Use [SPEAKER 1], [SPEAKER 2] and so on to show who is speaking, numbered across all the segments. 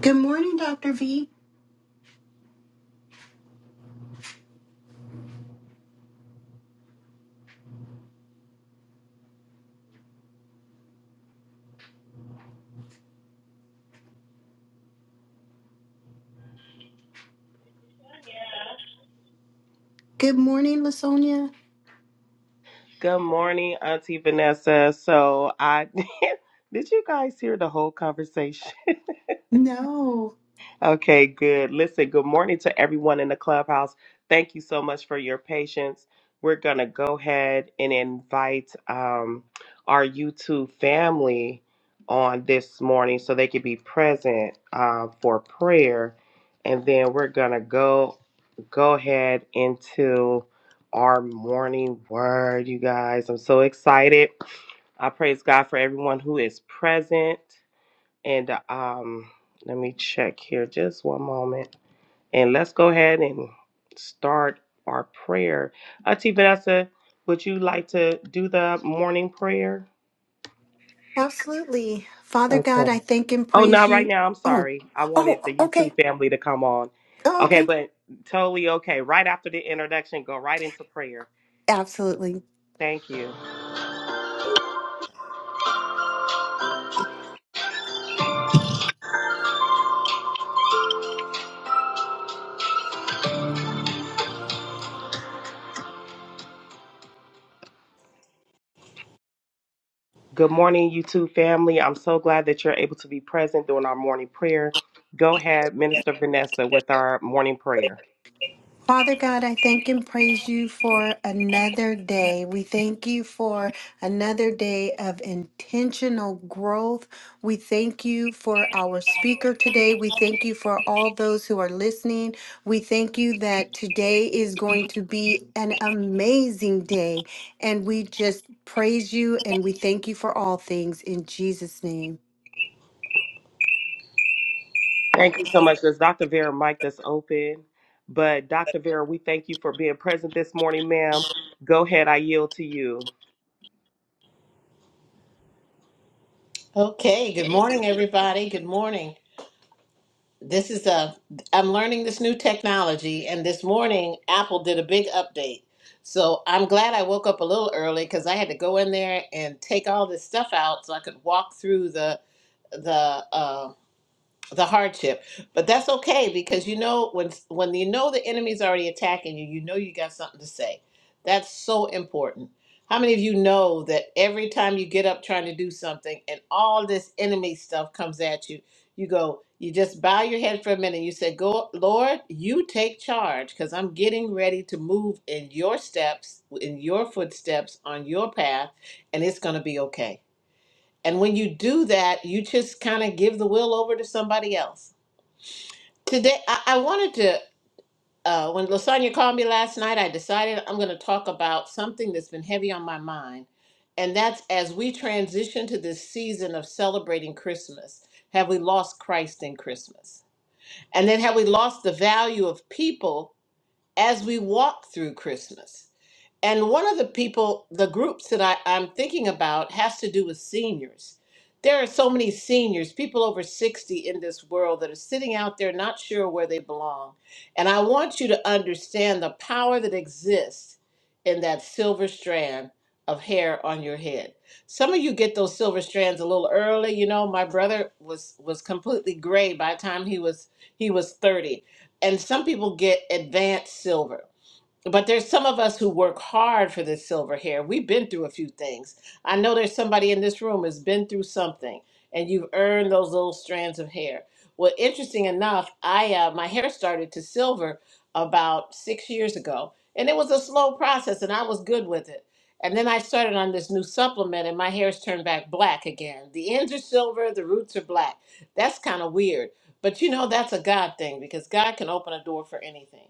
[SPEAKER 1] Good morning, Dr. V. Good morning, Lasonia.
[SPEAKER 2] Good morning, Auntie Vanessa. So I did you guys hear the whole conversation?
[SPEAKER 1] No,
[SPEAKER 2] okay, good. Listen, good morning to everyone in the clubhouse. Thank you so much for your patience. We're gonna go ahead and invite um, our YouTube family on this morning so they can be present uh, for prayer, and then we're gonna go go ahead into our morning word, you guys. I'm so excited. I praise God for everyone who is present. And um, let me check here just one moment. And let's go ahead and start our prayer. Auntie Vanessa, would you like to do the morning prayer?
[SPEAKER 1] absolutely. Father God,
[SPEAKER 2] Okay.
[SPEAKER 1] I thank and
[SPEAKER 2] Oh,
[SPEAKER 1] praise
[SPEAKER 2] not right
[SPEAKER 1] you.
[SPEAKER 2] now. I'm
[SPEAKER 1] Oh,
[SPEAKER 2] sorry. I wanted
[SPEAKER 1] oh,
[SPEAKER 2] the YouTube
[SPEAKER 1] okay.
[SPEAKER 2] family to come on.
[SPEAKER 1] Oh,
[SPEAKER 2] Okay,
[SPEAKER 1] okay.
[SPEAKER 2] but totally okay. Right after the introduction, go right into prayer.
[SPEAKER 1] Absolutely.
[SPEAKER 2] Thank you. Good morning, YouTube family. I'm so glad that you're able to be present during our morning prayer. Go ahead, Minister Vanessa, with our morning prayer.
[SPEAKER 1] Father God, I thank and praise you for another day. We thank you for another day of intentional growth. We thank you for our speaker today. We thank you for all those who are listening. We thank you that today is going to be an amazing day. And we just praise you and we thank you for all things in Jesus' name.
[SPEAKER 2] Thank you so much. There's Dr. Vera mic that's open. But Dr. Vera, we thank you for being present this morning, ma'am. Go ahead, I yield to you.
[SPEAKER 3] Okay, good morning, everybody. Good morning. This is a, I'm learning this new technology, and this morning Apple did a big update. So I'm glad I woke up a little early because I had to go in there and take all this stuff out so I could walk through the, the, uh, the hardship but that's okay because you know when when you know the enemy's already attacking you you know you got something to say that's so important how many of you know that every time you get up trying to do something and all this enemy stuff comes at you you go you just bow your head for a minute you say go lord you take charge because i'm getting ready to move in your steps in your footsteps on your path and it's going to be okay and when you do that you just kind of give the will over to somebody else Today, I, I wanted to, uh, when Lasagna called me last night, I decided I'm going to talk about something that's been heavy on my mind. And that's as we transition to this season of celebrating Christmas, have we lost Christ in Christmas? And then have we lost the value of people as we walk through Christmas? And one of the people, the groups that I, I'm thinking about has to do with seniors. There are so many seniors, people over 60 in this world that are sitting out there not sure where they belong. And I want you to understand the power that exists in that silver strand of hair on your head. Some of you get those silver strands a little early, you know, my brother was was completely gray by the time he was he was 30. And some people get advanced silver but there's some of us who work hard for this silver hair. We've been through a few things. I know there's somebody in this room has been through something, and you've earned those little strands of hair. Well, interesting enough, I uh, my hair started to silver about six years ago, and it was a slow process, and I was good with it. And then I started on this new supplement, and my hair's turned back black again. The ends are silver, the roots are black. That's kind of weird, but you know that's a God thing because God can open a door for anything.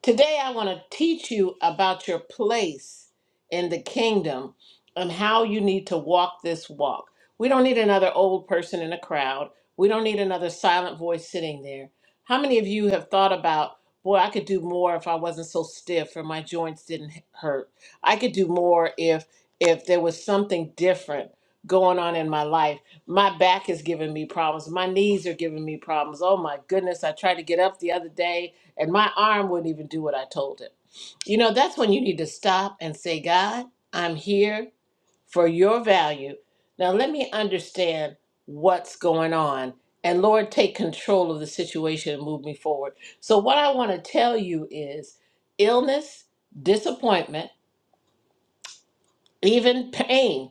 [SPEAKER 3] Today, I want to teach you about your place in the kingdom and how you need to walk this walk. We don't need another old person in a crowd, we don't need another silent voice sitting there. How many of you have thought about, boy, I could do more if I wasn't so stiff or my joints didn't hurt? I could do more if if there was something different going on in my life. My back is giving me problems. My knees are giving me problems. Oh my goodness, I tried to get up the other day and my arm wouldn't even do what I told it. You know, that's when you need to stop and say, God, I'm here for your value. Now let me understand what's going on. And Lord, take control of the situation and move me forward. So, what I want to tell you is illness, disappointment, even pain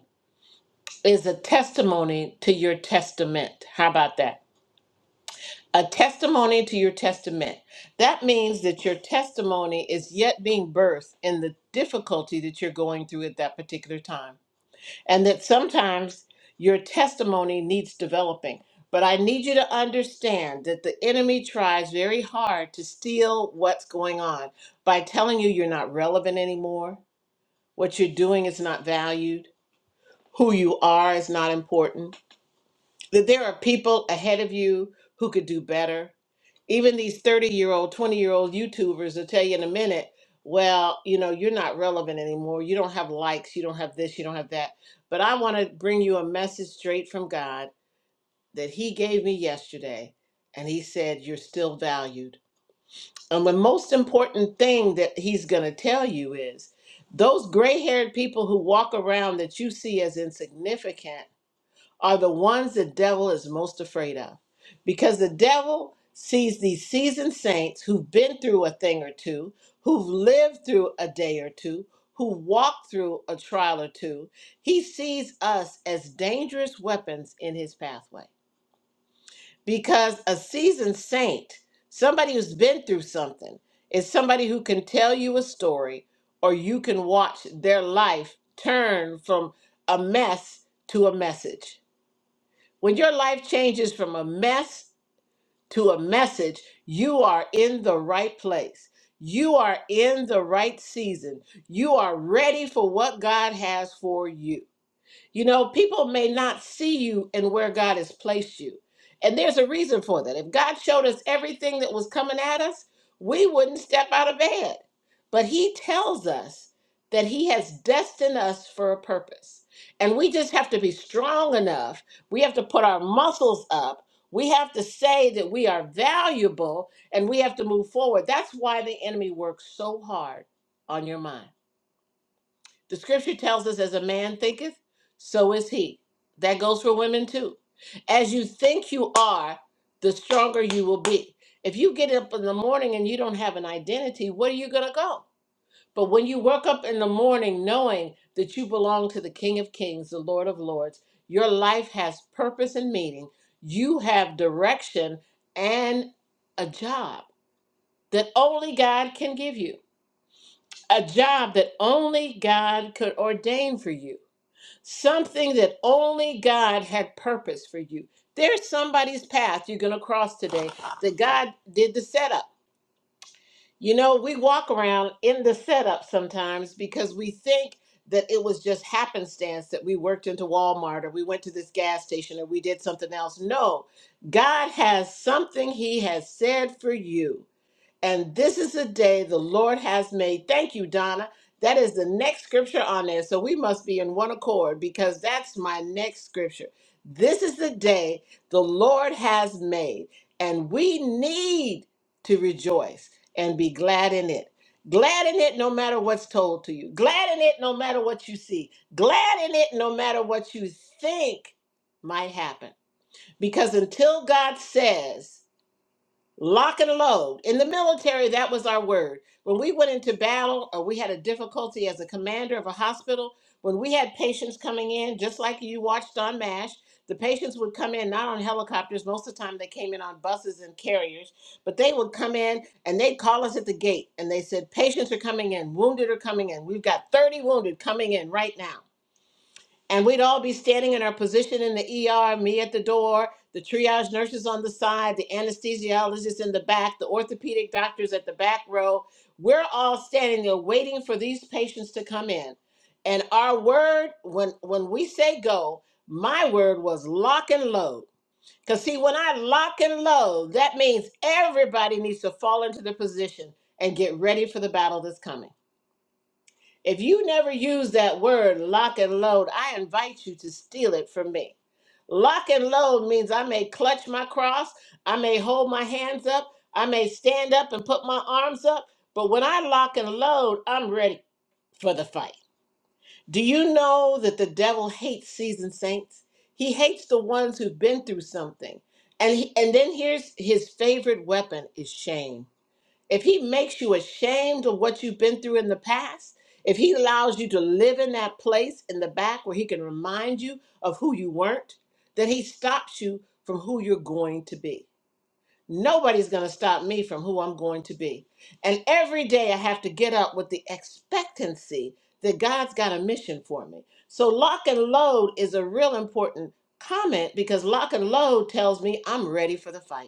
[SPEAKER 3] is a testimony to your testament. How about that? a testimony to your testament. That means that your testimony is yet being birthed in the difficulty that you're going through at that particular time. And that sometimes your testimony needs developing. But I need you to understand that the enemy tries very hard to steal what's going on by telling you you're not relevant anymore, what you're doing is not valued, who you are is not important that there are people ahead of you who could do better. Even these 30 year old, 20 year old YouTubers will tell you in a minute, well, you know, you're not relevant anymore. You don't have likes. You don't have this. You don't have that. But I want to bring you a message straight from God that He gave me yesterday. And He said, You're still valued. And the most important thing that He's going to tell you is those gray haired people who walk around that you see as insignificant are the ones the devil is most afraid of. Because the devil sees these seasoned saints who've been through a thing or two, who've lived through a day or two, who walked through a trial or two. He sees us as dangerous weapons in his pathway. Because a seasoned saint, somebody who's been through something, is somebody who can tell you a story or you can watch their life turn from a mess to a message when your life changes from a mess to a message, you are in the right place. You are in the right season. You are ready for what God has for you. You know, people may not see you and where God has placed you. And there's a reason for that. If God showed us everything that was coming at us, we wouldn't step out of bed. But He tells us that He has destined us for a purpose. And we just have to be strong enough. We have to put our muscles up. We have to say that we are valuable and we have to move forward. That's why the enemy works so hard on your mind the scripture tells us, as a man thinketh, so is he. That goes for women too. As you think you are, the stronger you will be. If you get up in the morning and you don't have an identity, where are you going to go? But when you wake up in the morning knowing that you belong to the King of Kings, the Lord of Lords, your life has purpose and meaning. You have direction and a job that only God can give you, a job that only God could ordain for you something that only God had purpose for you. There's somebody's path you're going to cross today that God did the setup. You know, we walk around in the setup sometimes because we think that it was just happenstance that we worked into Walmart or we went to this gas station or we did something else. No, God has something He has said for you. And this is the day the Lord has made. Thank you, Donna. That is the next scripture on there. So we must be in one accord because that's my next scripture. This is the day the Lord has made, and we need to rejoice and be glad in it. Glad in it no matter what's told to you. Glad in it no matter what you see. Glad in it no matter what you think might happen. Because until God says, lock and load. In the military, that was our word. When we went into battle or we had a difficulty as a commander of a hospital, when we had patients coming in, just like you watched on MASH, the patients would come in not on helicopters. Most of the time, they came in on buses and carriers, but they would come in and they'd call us at the gate and they said, Patients are coming in, wounded are coming in. We've got 30 wounded coming in right now and we'd all be standing in our position in the ER, me at the door, the triage nurses on the side, the anesthesiologists in the back, the orthopedic doctors at the back row. We're all standing there waiting for these patients to come in. And our word, when when we say go, my word was lock and load. Cause see, when I lock and load, that means everybody needs to fall into the position and get ready for the battle that's coming. If you never use that word, lock and load, I invite you to steal it from me. Lock and load means I may clutch my cross, I may hold my hands up, I may stand up and put my arms up, but when I lock and load, I'm ready for the fight. Do you know that the devil hates seasoned saints? He hates the ones who've been through something. And he, and then here's his favorite weapon is shame if he makes you ashamed of what you've been through in the past, if he allows you to live in that place in the back where he can remind you of who you weren't, then he stops you from who you're going to be. Nobody's going to stop me from who I'm going to be. And every day I have to get up with the expectancy that God's got a mission for me. So, lock and load is a real important comment because lock and load tells me I'm ready for the fight.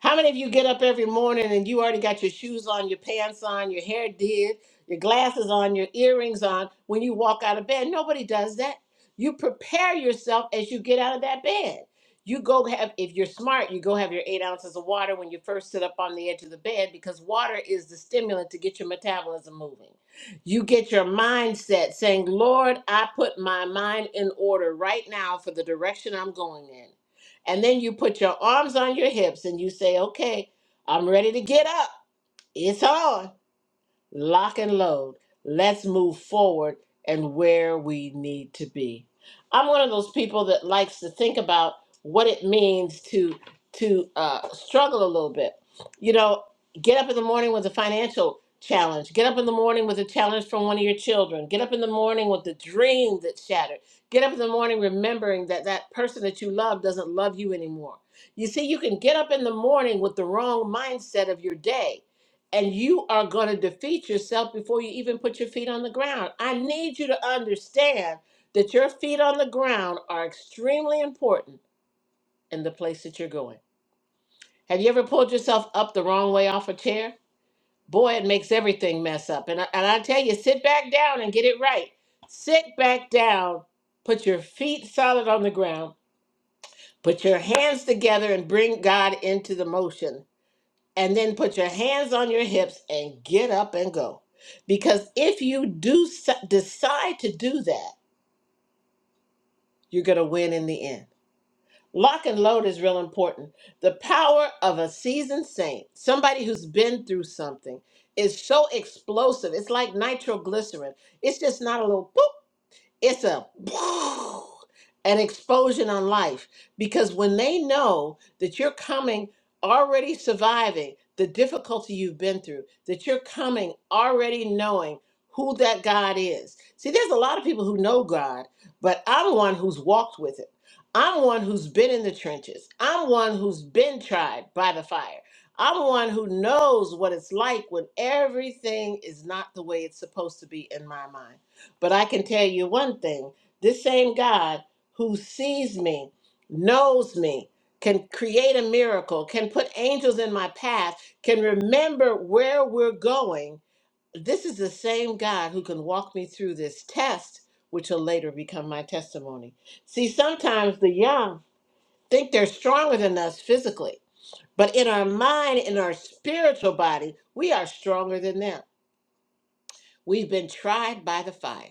[SPEAKER 3] How many of you get up every morning and you already got your shoes on, your pants on, your hair did, your glasses on, your earrings on when you walk out of bed? Nobody does that. You prepare yourself as you get out of that bed. You go have, if you're smart, you go have your eight ounces of water when you first sit up on the edge of the bed because water is the stimulant to get your metabolism moving. You get your mindset saying, Lord, I put my mind in order right now for the direction I'm going in. And then you put your arms on your hips and you say, okay, I'm ready to get up. It's on lock and load. Let's move forward and where we need to be. I'm one of those people that likes to think about what it means to to uh, struggle a little bit. You know, get up in the morning with a financial challenge. Get up in the morning with a challenge from one of your children. Get up in the morning with the dream that shattered. Get up in the morning remembering that that person that you love doesn't love you anymore. You see, you can get up in the morning with the wrong mindset of your day and you are going to defeat yourself before you even put your feet on the ground. I need you to understand that your feet on the ground are extremely important in the place that you're going. Have you ever pulled yourself up the wrong way off a chair? Boy, it makes everything mess up. And I, and I tell you, sit back down and get it right. Sit back down, put your feet solid on the ground, put your hands together, and bring God into the motion and then put your hands on your hips and get up and go. Because if you do s- decide to do that, you're going to win in the end. Lock and load is real important. The power of a seasoned saint, somebody who's been through something, is so explosive. It's like nitroglycerin. It's just not a little boop it's a an explosion on life because when they know that you're coming already surviving the difficulty you've been through that you're coming already knowing who that god is see there's a lot of people who know god but i'm one who's walked with it i'm one who's been in the trenches i'm one who's been tried by the fire i'm one who knows what it's like when everything is not the way it's supposed to be in my mind but I can tell you one thing this same God who sees me, knows me, can create a miracle, can put angels in my path, can remember where we're going. This is the same God who can walk me through this test, which will later become my testimony. See, sometimes the young think they're stronger than us physically, but in our mind, in our spiritual body, we are stronger than them. We've been tried by the fire.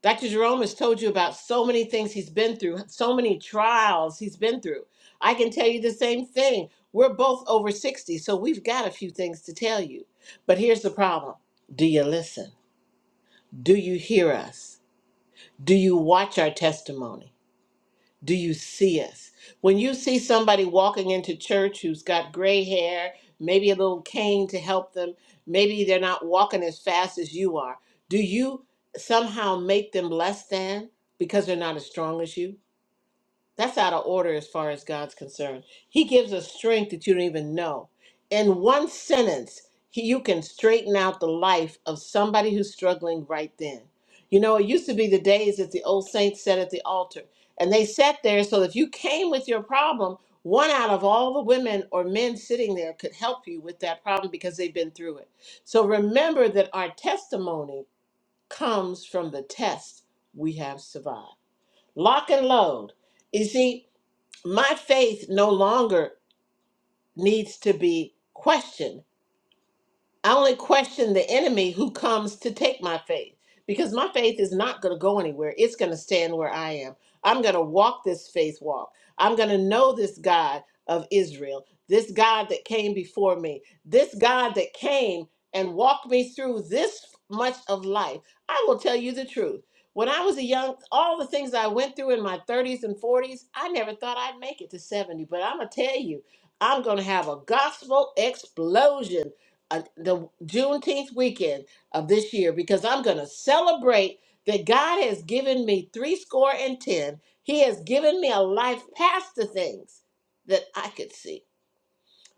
[SPEAKER 3] Dr. Jerome has told you about so many things he's been through, so many trials he's been through. I can tell you the same thing. We're both over 60, so we've got a few things to tell you. But here's the problem Do you listen? Do you hear us? Do you watch our testimony? do you see us? When you see somebody walking into church who's got gray hair, maybe a little cane to help them, maybe they're not walking as fast as you are, do you somehow make them less than because they're not as strong as you? That's out of order as far as God's concerned. He gives us strength that you don't even know. In one sentence, he, you can straighten out the life of somebody who's struggling right then. You know, it used to be the days that the old saints sat at the altar and they sat there so if you came with your problem, one out of all the women or men sitting there could help you with that problem because they've been through it. So remember that our testimony comes from the test we have survived. Lock and load. You see, my faith no longer needs to be questioned I only question the enemy who comes to take my faith because my faith is not going to go anywhere. It's going to stand where I am. I'm going to walk this faith walk. I'm going to know this God of Israel, this God that came before me, this God that came and walked me through this much of life. I will tell you the truth. When I was a young, all the things I went through in my 30s and 40s, I never thought I'd make it to 70. But I'm going to tell you, I'm going to have a gospel explosion uh, the Juneteenth weekend of this year because I'm going to celebrate that God has given me three score and ten. He has given me a life past the things that I could see.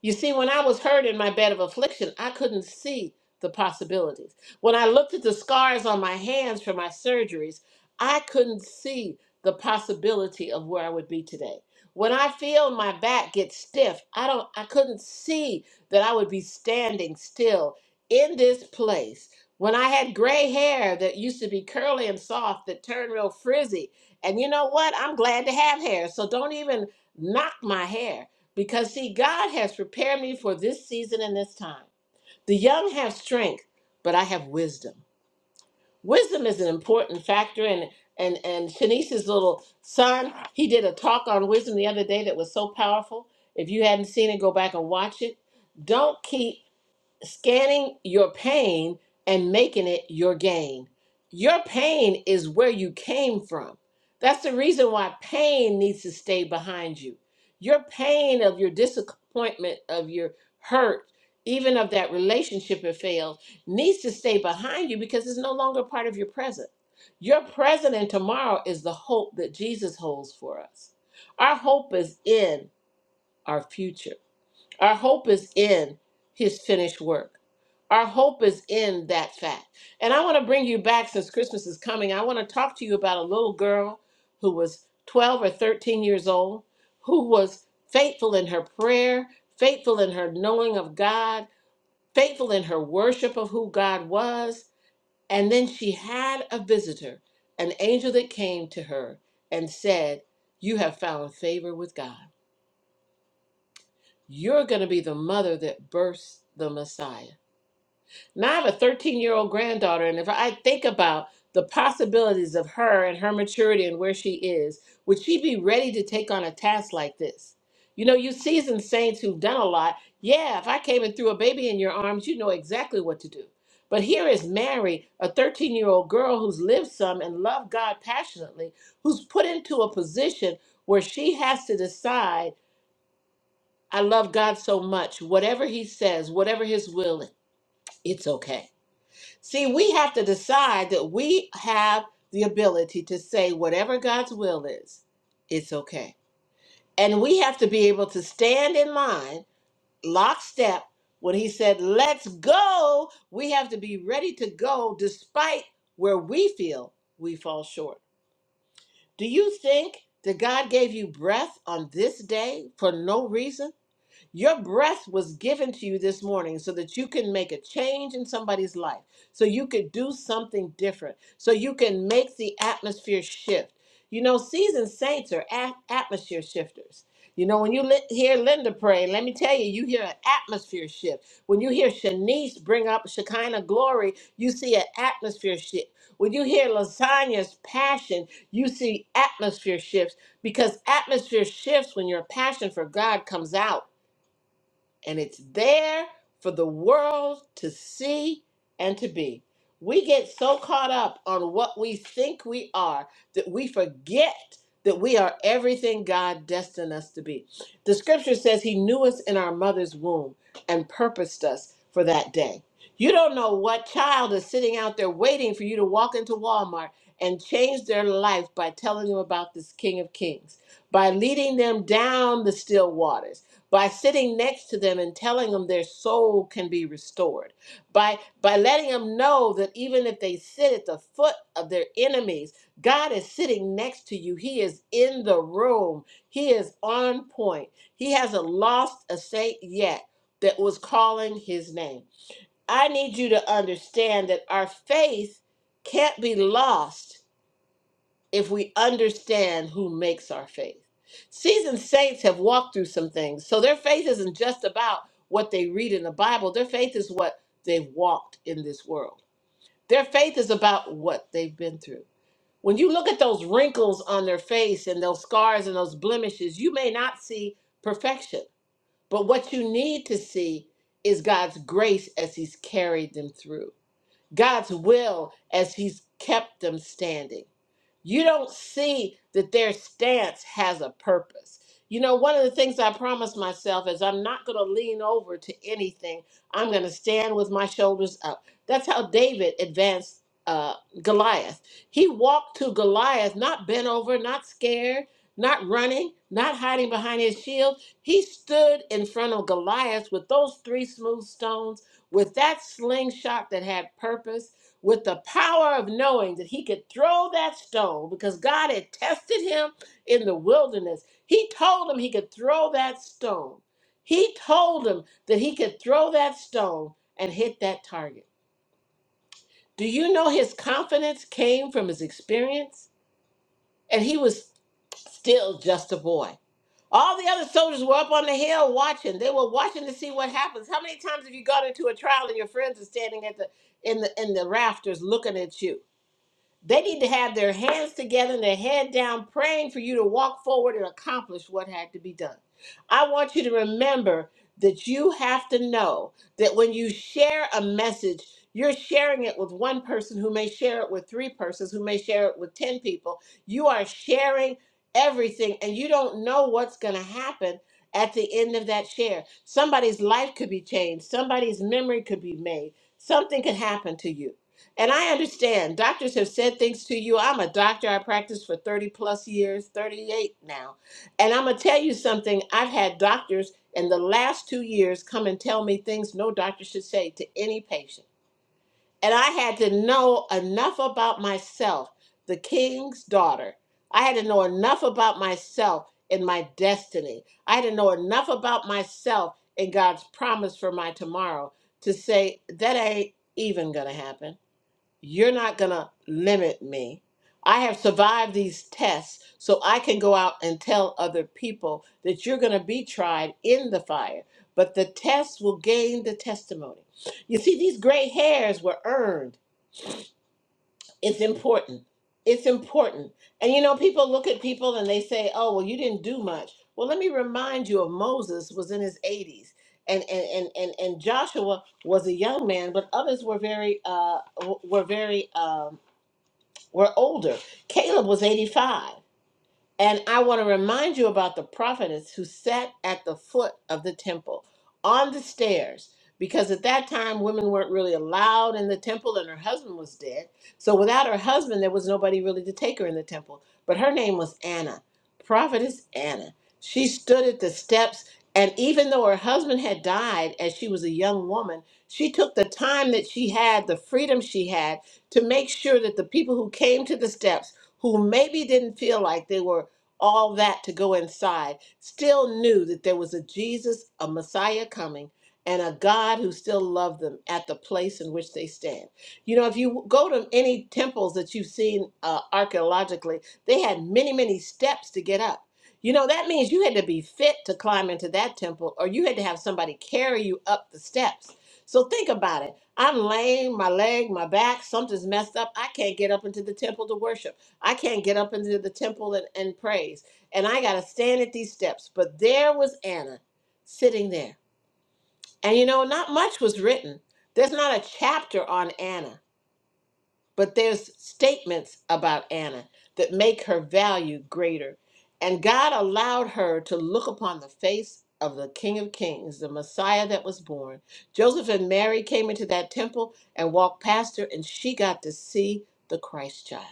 [SPEAKER 3] You see, when I was hurt in my bed of affliction, I couldn't see the possibilities. When I looked at the scars on my hands from my surgeries, I couldn't see the possibility of where I would be today. When I feel my back get stiff, I don't I couldn't see that I would be standing still in this place. When I had gray hair that used to be curly and soft that turned real frizzy, and you know what? I'm glad to have hair, so don't even knock my hair because, see, God has prepared me for this season and this time. The young have strength, but I have wisdom. Wisdom is an important factor. And and and Shanice's little son, he did a talk on wisdom the other day that was so powerful. If you hadn't seen it, go back and watch it. Don't keep scanning your pain and making it your gain. Your pain is where you came from. That's the reason why pain needs to stay behind you. Your pain of your disappointment, of your hurt, even of that relationship that failed, needs to stay behind you because it's no longer part of your present. Your present and tomorrow is the hope that Jesus holds for us. Our hope is in our future. Our hope is in his finished work. Our hope is in that fact. And I want to bring you back since Christmas is coming. I want to talk to you about a little girl who was 12 or 13 years old, who was faithful in her prayer, faithful in her knowing of God, faithful in her worship of who God was. And then she had a visitor, an angel that came to her and said, You have found favor with God. You're going to be the mother that births the Messiah. Now I have a 13 year old granddaughter, and if I think about the possibilities of her and her maturity and where she is, would she be ready to take on a task like this? You know, you seasoned saints who've done a lot. Yeah, if I came and threw a baby in your arms, you know exactly what to do. But here is Mary, a 13 year old girl who's lived some and loved God passionately, who's put into a position where she has to decide. I love God so much. Whatever He says, whatever His will, is, it's okay. See, we have to decide that we have the ability to say whatever God's will is, it's okay. And we have to be able to stand in line, lockstep, when He said, let's go. We have to be ready to go despite where we feel we fall short. Do you think that God gave you breath on this day for no reason? Your breath was given to you this morning so that you can make a change in somebody's life, so you could do something different, so you can make the atmosphere shift. You know, seasoned saints are at- atmosphere shifters. You know, when you li- hear Linda pray, let me tell you, you hear an atmosphere shift. When you hear Shanice bring up Shekinah glory, you see an atmosphere shift. When you hear Lasagna's passion, you see atmosphere shifts because atmosphere shifts when your passion for God comes out and it's there for the world to see and to be. We get so caught up on what we think we are that we forget that we are everything God destined us to be. The scripture says he knew us in our mother's womb and purposed us for that day. You don't know what child is sitting out there waiting for you to walk into Walmart and change their life by telling them about this King of Kings, by leading them down the still waters by sitting next to them and telling them their soul can be restored by by letting them know that even if they sit at the foot of their enemies god is sitting next to you he is in the room he is on point he hasn't lost a saint yet that was calling his name i need you to understand that our faith can't be lost if we understand who makes our faith. Seasoned saints have walked through some things, so their faith isn't just about what they read in the Bible, their faith is what they've walked in this world. Their faith is about what they've been through. When you look at those wrinkles on their face and those scars and those blemishes, you may not see perfection. But what you need to see is God's grace as He's carried them through, God's will as He's kept them standing. You don't see that their stance has a purpose. You know, one of the things I promised myself is I'm not going to lean over to anything. I'm going to stand with my shoulders up. That's how David advanced uh, Goliath. He walked to Goliath, not bent over, not scared, not running, not hiding behind his shield. He stood in front of Goliath with those three smooth stones, with that slingshot that had purpose with the power of knowing that he could throw that stone because God had tested him in the wilderness. He told him he could throw that stone. He told him that he could throw that stone and hit that target. Do you know his confidence came from his experience? And he was still just a boy. All the other soldiers were up on the hill watching. They were watching to see what happens. How many times have you gone into a trial and your friends are standing at the in the in the rafters looking at you? They need to have their hands together and their head down, praying for you to walk forward and accomplish what had to be done. I want you to remember that you have to know that when you share a message, you're sharing it with one person who may share it with three persons, who may share it with 10 people. You are sharing everything, and you don't know what's going to happen at the end of that share. Somebody's life could be changed, somebody's memory could be made, something could happen to you. And I understand doctors have said things to you. I'm a doctor. I practiced for 30 plus years, 38 now. And I'm going to tell you something. I've had doctors in the last two years come and tell me things no doctor should say to any patient. And I had to know enough about myself, the king's daughter. I had to know enough about myself and my destiny. I had to know enough about myself and God's promise for my tomorrow to say, that ain't even going to happen you're not going to limit me. I have survived these tests, so I can go out and tell other people that you're going to be tried in the fire, but the test will gain the testimony. You see, these gray hairs were earned. It's important. It's important. And you know, people look at people and they say, oh, well, you didn't do much. Well, let me remind you of Moses was in his 80s. And, and, and, and, and Joshua was a young man, but others were very uh, w- were very um, were older. Caleb was 85. And I want to remind you about the prophetess who sat at the foot of the temple on the stairs, because at that time women weren't really allowed in the temple and her husband was dead. So without her husband, there was nobody really to take her in the temple. But her name was Anna, prophetess Anna. She stood at the steps, and even though her husband had died as she was a young woman, she took the time that she had, the freedom she had, to make sure that the people who came to the steps, who maybe didn't feel like they were all that to go inside, still knew that there was a Jesus, a Messiah coming, and a God who still loved them at the place in which they stand. You know, if you go to any temples that you've seen uh, archaeologically, they had many, many steps to get up. You know, that means you had to be fit to climb into that temple, or you had to have somebody carry you up the steps. So think about it. I'm lame, my leg, my back, something's messed up. I can't get up into the temple to worship. I can't get up into the temple and, and praise. And I got to stand at these steps. But there was Anna sitting there. And you know, not much was written. There's not a chapter on Anna, but there's statements about Anna that make her value greater. And God allowed her to look upon the face of the King of Kings, the Messiah that was born. Joseph and Mary came into that temple and walked past her, and she got to see the Christ child.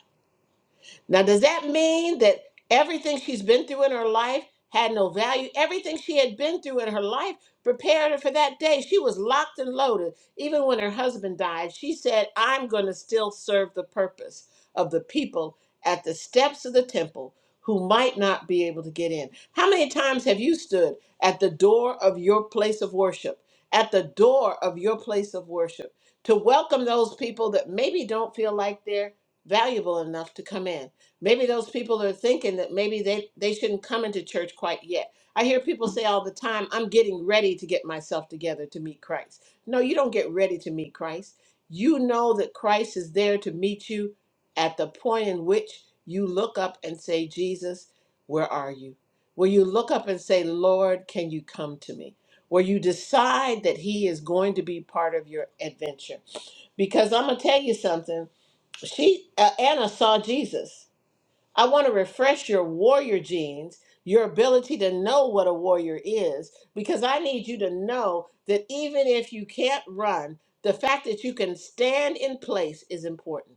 [SPEAKER 3] Now, does that mean that everything she's been through in her life had no value? Everything she had been through in her life prepared her for that day. She was locked and loaded. Even when her husband died, she said, I'm going to still serve the purpose of the people at the steps of the temple who might not be able to get in. How many times have you stood at the door of your place of worship? At the door of your place of worship to welcome those people that maybe don't feel like they're valuable enough to come in maybe those people are thinking that maybe they, they shouldn't come into church quite yet. I hear people say all the time, I'm getting ready to get myself together to meet Christ. No, you don't get ready to meet Christ. You know that Christ is there to meet you at the point in which you look up and say, Jesus, where are you? Where you look up and say, Lord, can you come to me? Where you decide that He is going to be part of your adventure. Because I'm going to tell you something. She, uh, Anna saw Jesus I want to refresh your warrior genes, your ability to know what a warrior is, because I need you to know that even if you can't run, the fact that you can stand in place is important.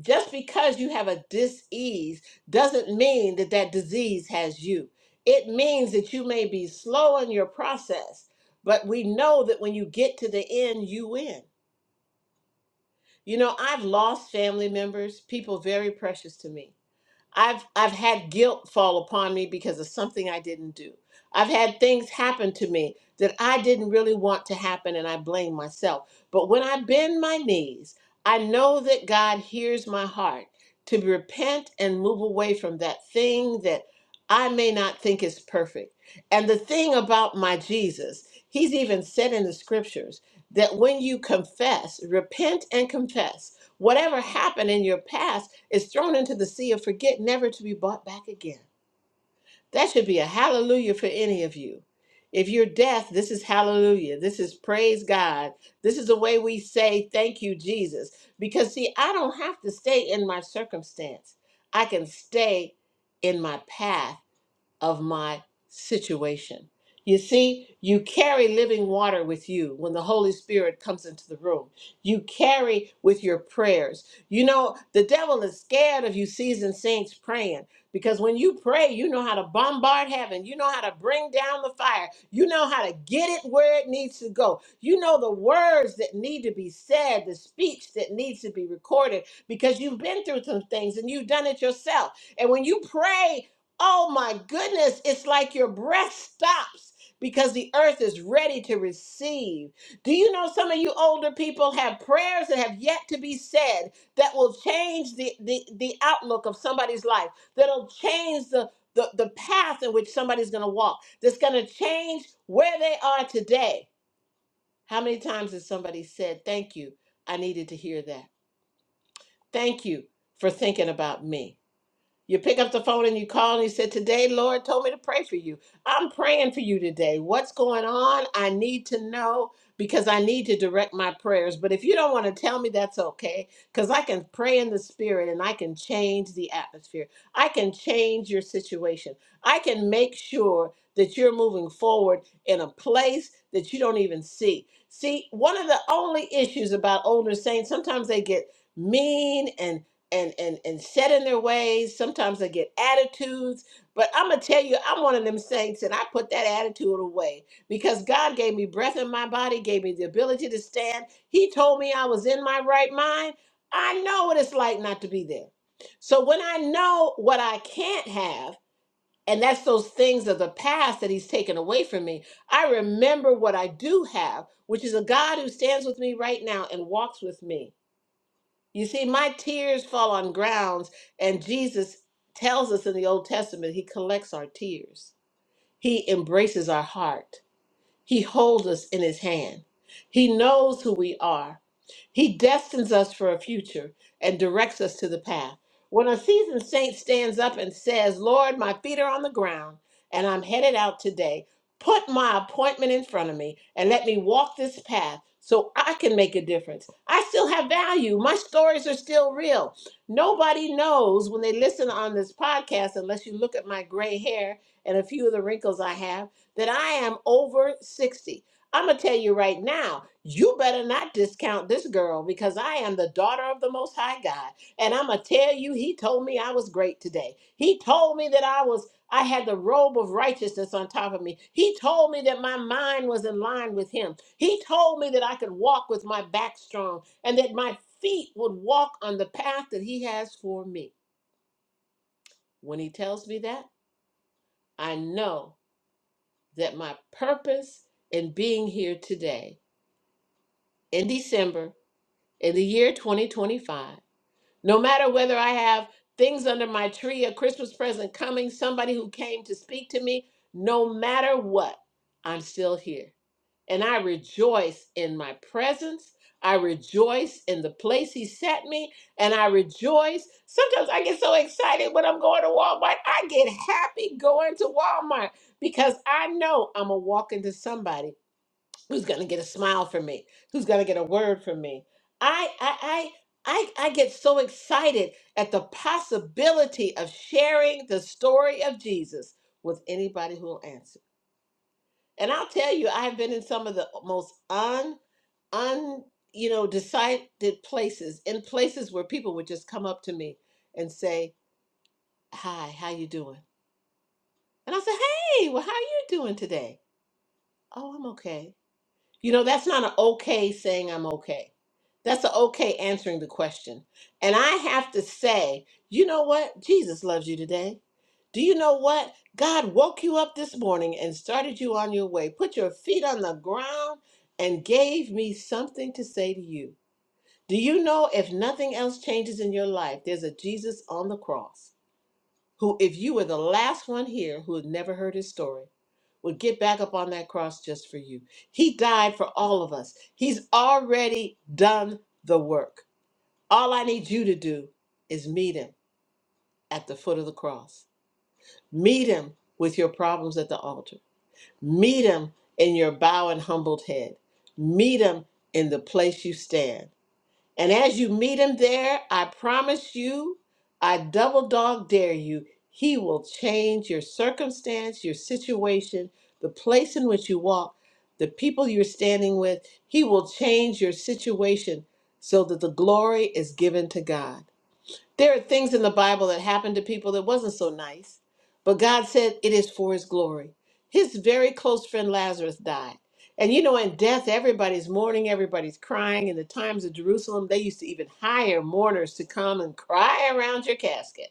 [SPEAKER 3] Just because you have a disease doesn't mean that that disease has you. It means that you may be slow in your process, but we know that when you get to the end, you win. You know, I've lost family members, people very precious to me I've I've had guilt fall upon me because of something I didn't do. I've had things happen to me that I didn't really want to happen and I blame myself. But when I bend my knees, I know that God hears my heart to repent and move away from that thing that I may not think is perfect. And the thing about my Jesus, he's even said in the scriptures that when you confess, repent and confess Whatever happened in your past is thrown into the sea of forget, never to be brought back again. That should be a hallelujah for any of you. If you're deaf, this is hallelujah. This is praise God. This is the way we say thank you, Jesus. Because, see, I don't have to stay in my circumstance, I can stay in my path of my situation. You see, you carry living water with you when the Holy Spirit comes into the room. You carry with your prayers. You know, the devil is scared of you seasoned saints praying because when you pray, you know how to bombard heaven. You know how to bring down the fire. You know how to get it where it needs to go. You know the words that need to be said, the speech that needs to be recorded because you've been through some things and you've done it yourself. And when you pray, Oh my goodness, it's like your breath stops because the earth is ready to receive. Do you know some of you older people have prayers that have yet to be said that will change the, the, the outlook of somebody's life, that'll change the, the, the path in which somebody's going to walk, that's going to change where they are today? How many times has somebody said, Thank you, I needed to hear that? Thank you for thinking about me. You pick up the phone and you call and you said, Today, Lord told me to pray for you. I'm praying for you today. What's going on? I need to know because I need to direct my prayers. But if you don't want to tell me, that's okay because I can pray in the spirit and I can change the atmosphere. I can change your situation. I can make sure that you're moving forward in a place that you don't even see. See, one of the only issues about older saints, sometimes they get mean and." and and and set in their ways. Sometimes they get attitudes, but I'm gonna tell you, I'm one of them saints, and I put that attitude away because God gave me breath in my body, gave me the ability to stand. He told me I was in my right mind. I know what it's like not to be there. So when I know what I can't have, and that's those things of the past that he's taken away from me. I remember what I do have, which is a God who stands with me right now and walks with me. You see, my tears fall on grounds, and Jesus tells us in the Old Testament, He collects our tears, He embraces our heart. He holds us in his hand. He knows who we are. He destines us for a future and directs us to the path. When a seasoned saint stands up and says, Lord, my feet are on the ground and I'm headed out today, put my appointment in front of me and let me walk this path so I can make a difference. I still have value. My stories are still real. Nobody knows when they listen on this podcast, unless you look at my gray hair and a few of the wrinkles I have that I am over 60. I'm going to tell you right now, you better not discount this girl because I am the daughter of the Most High God. And I'm going to tell you, he told me I was great today. He told me that I was. I had the robe of righteousness on top of me. He told me that my mind was in line with him. He told me that I could walk with my back strong and that my feet would walk on the path that he has for me. When he tells me that, I know that my purpose in being here today in December in the year 2025, no matter whether I have things under my tree, a Christmas present coming, somebody who came to speak to me, no matter what, I'm still here. And I rejoice in my presence. I rejoice in the place he set me, and I rejoice. Sometimes I get so excited when I'm going to Walmart. I get happy going to Walmart because I know I'm a walk into somebody who's going to get a smile from me who's going to get a word from me I, I i i i get so excited at the possibility of sharing the story of jesus with anybody who will answer and i'll tell you i've been in some of the most un un you know decided places in places where people would just come up to me and say hi how you doing and i say hey well how are you doing today oh i'm okay You know, that's not an okay saying I'm okay. That's an okay answering the question. And I have to say, you know what? Jesus loves you today. Do you know what? God woke you up this morning and started you on your way, put your feet on the ground, and gave me something to say to you. Do you know if nothing else changes in your life, there's a Jesus on the cross? who, if you were the last one here who had never heard his story, would get back up on that cross just for you. He died for all of us. He's already done the work. All I need you to do is meet him at the foot of the cross. Meet him with your problems at the altar. Meet him in your bow and humbled head. Meet him in the place you stand and as you meet him there, I promise you, I double dog dare you, he will change your circumstance, your situation, the place in which you walk, the people you're standing with. He will change your situation so that the glory is given to God. There are things in the Bible that happened to people that wasn't so nice, but God said it is for his glory. His very close friend Lazarus died. And you know, in death, everybody's mourning, everybody's crying. In the times of Jerusalem, they used to even hire mourners to come and cry around your casket.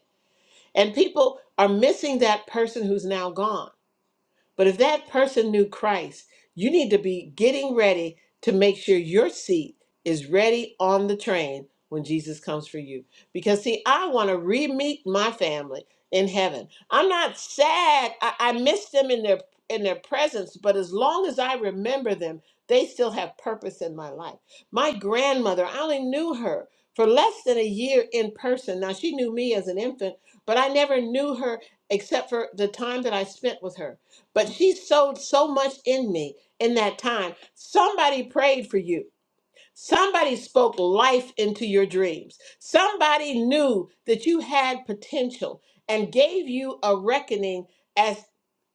[SPEAKER 3] And people are missing that person who's now gone. But if that person knew Christ, you need to be getting ready to make sure your seat is ready on the train when Jesus comes for you. Because, see, I want to re meet my family in heaven. I'm not sad. I, I miss them in their in their presence, but as long as I remember them, they still have purpose in my life. My grandmother, I only knew her for less than a year in person. Now she knew me as an infant, but I never knew her except for the time that I spent with her. But she sowed so much in me in that time. Somebody prayed for you. Somebody spoke life into your dreams. Somebody knew that you had potential and gave you a reckoning as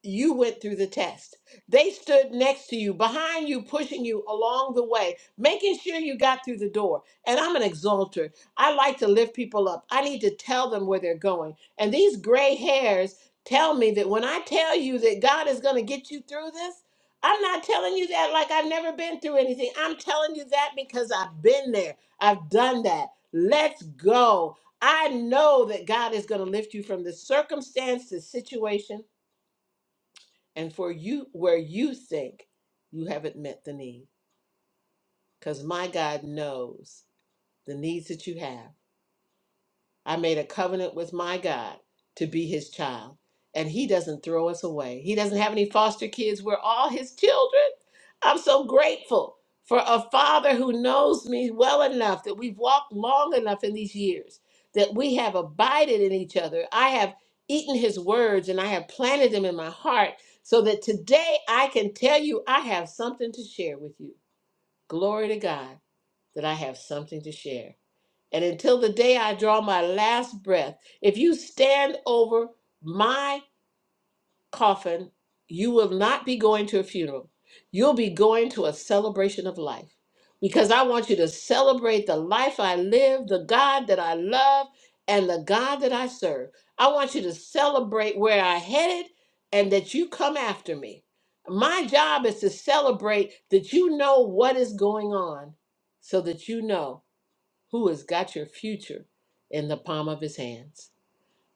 [SPEAKER 3] you went through the test. They stood next to you, behind you, pushing you along the way, making sure you got through the door. And I'm an exalter. I like to lift people up. I need to tell them where they're going. And these gray hairs tell me that when I tell you that God is going to get you through this, I'm not telling you that like I've never been through anything. I'm telling you that because I've been there. I've done that. Let's go. I know that God is going to lift you from the circumstance, the situation, and for you where you think you haven't met the need. Because my God knows the needs that you have. I made a covenant with my God to be his child, and he doesn't throw us away. He doesn't have any foster kids. We're all his children. I'm so grateful for a father who knows me well enough that we've walked long enough in these years that we have abided in each other. I have eaten his words and I have planted them in my heart so that today I can tell you I have something to share with you. Glory to God that I have something to share and until the day I draw my last breath, if you stand over my coffin, you will not be going to a funeral. You'll be going to a celebration of life because I want you to celebrate the life I live, the God that I love, and the God that I serve. I want you to celebrate where I headed and that you come after me. My job is to celebrate that you know what is going on so that you know who has got your future in the palm of his hands.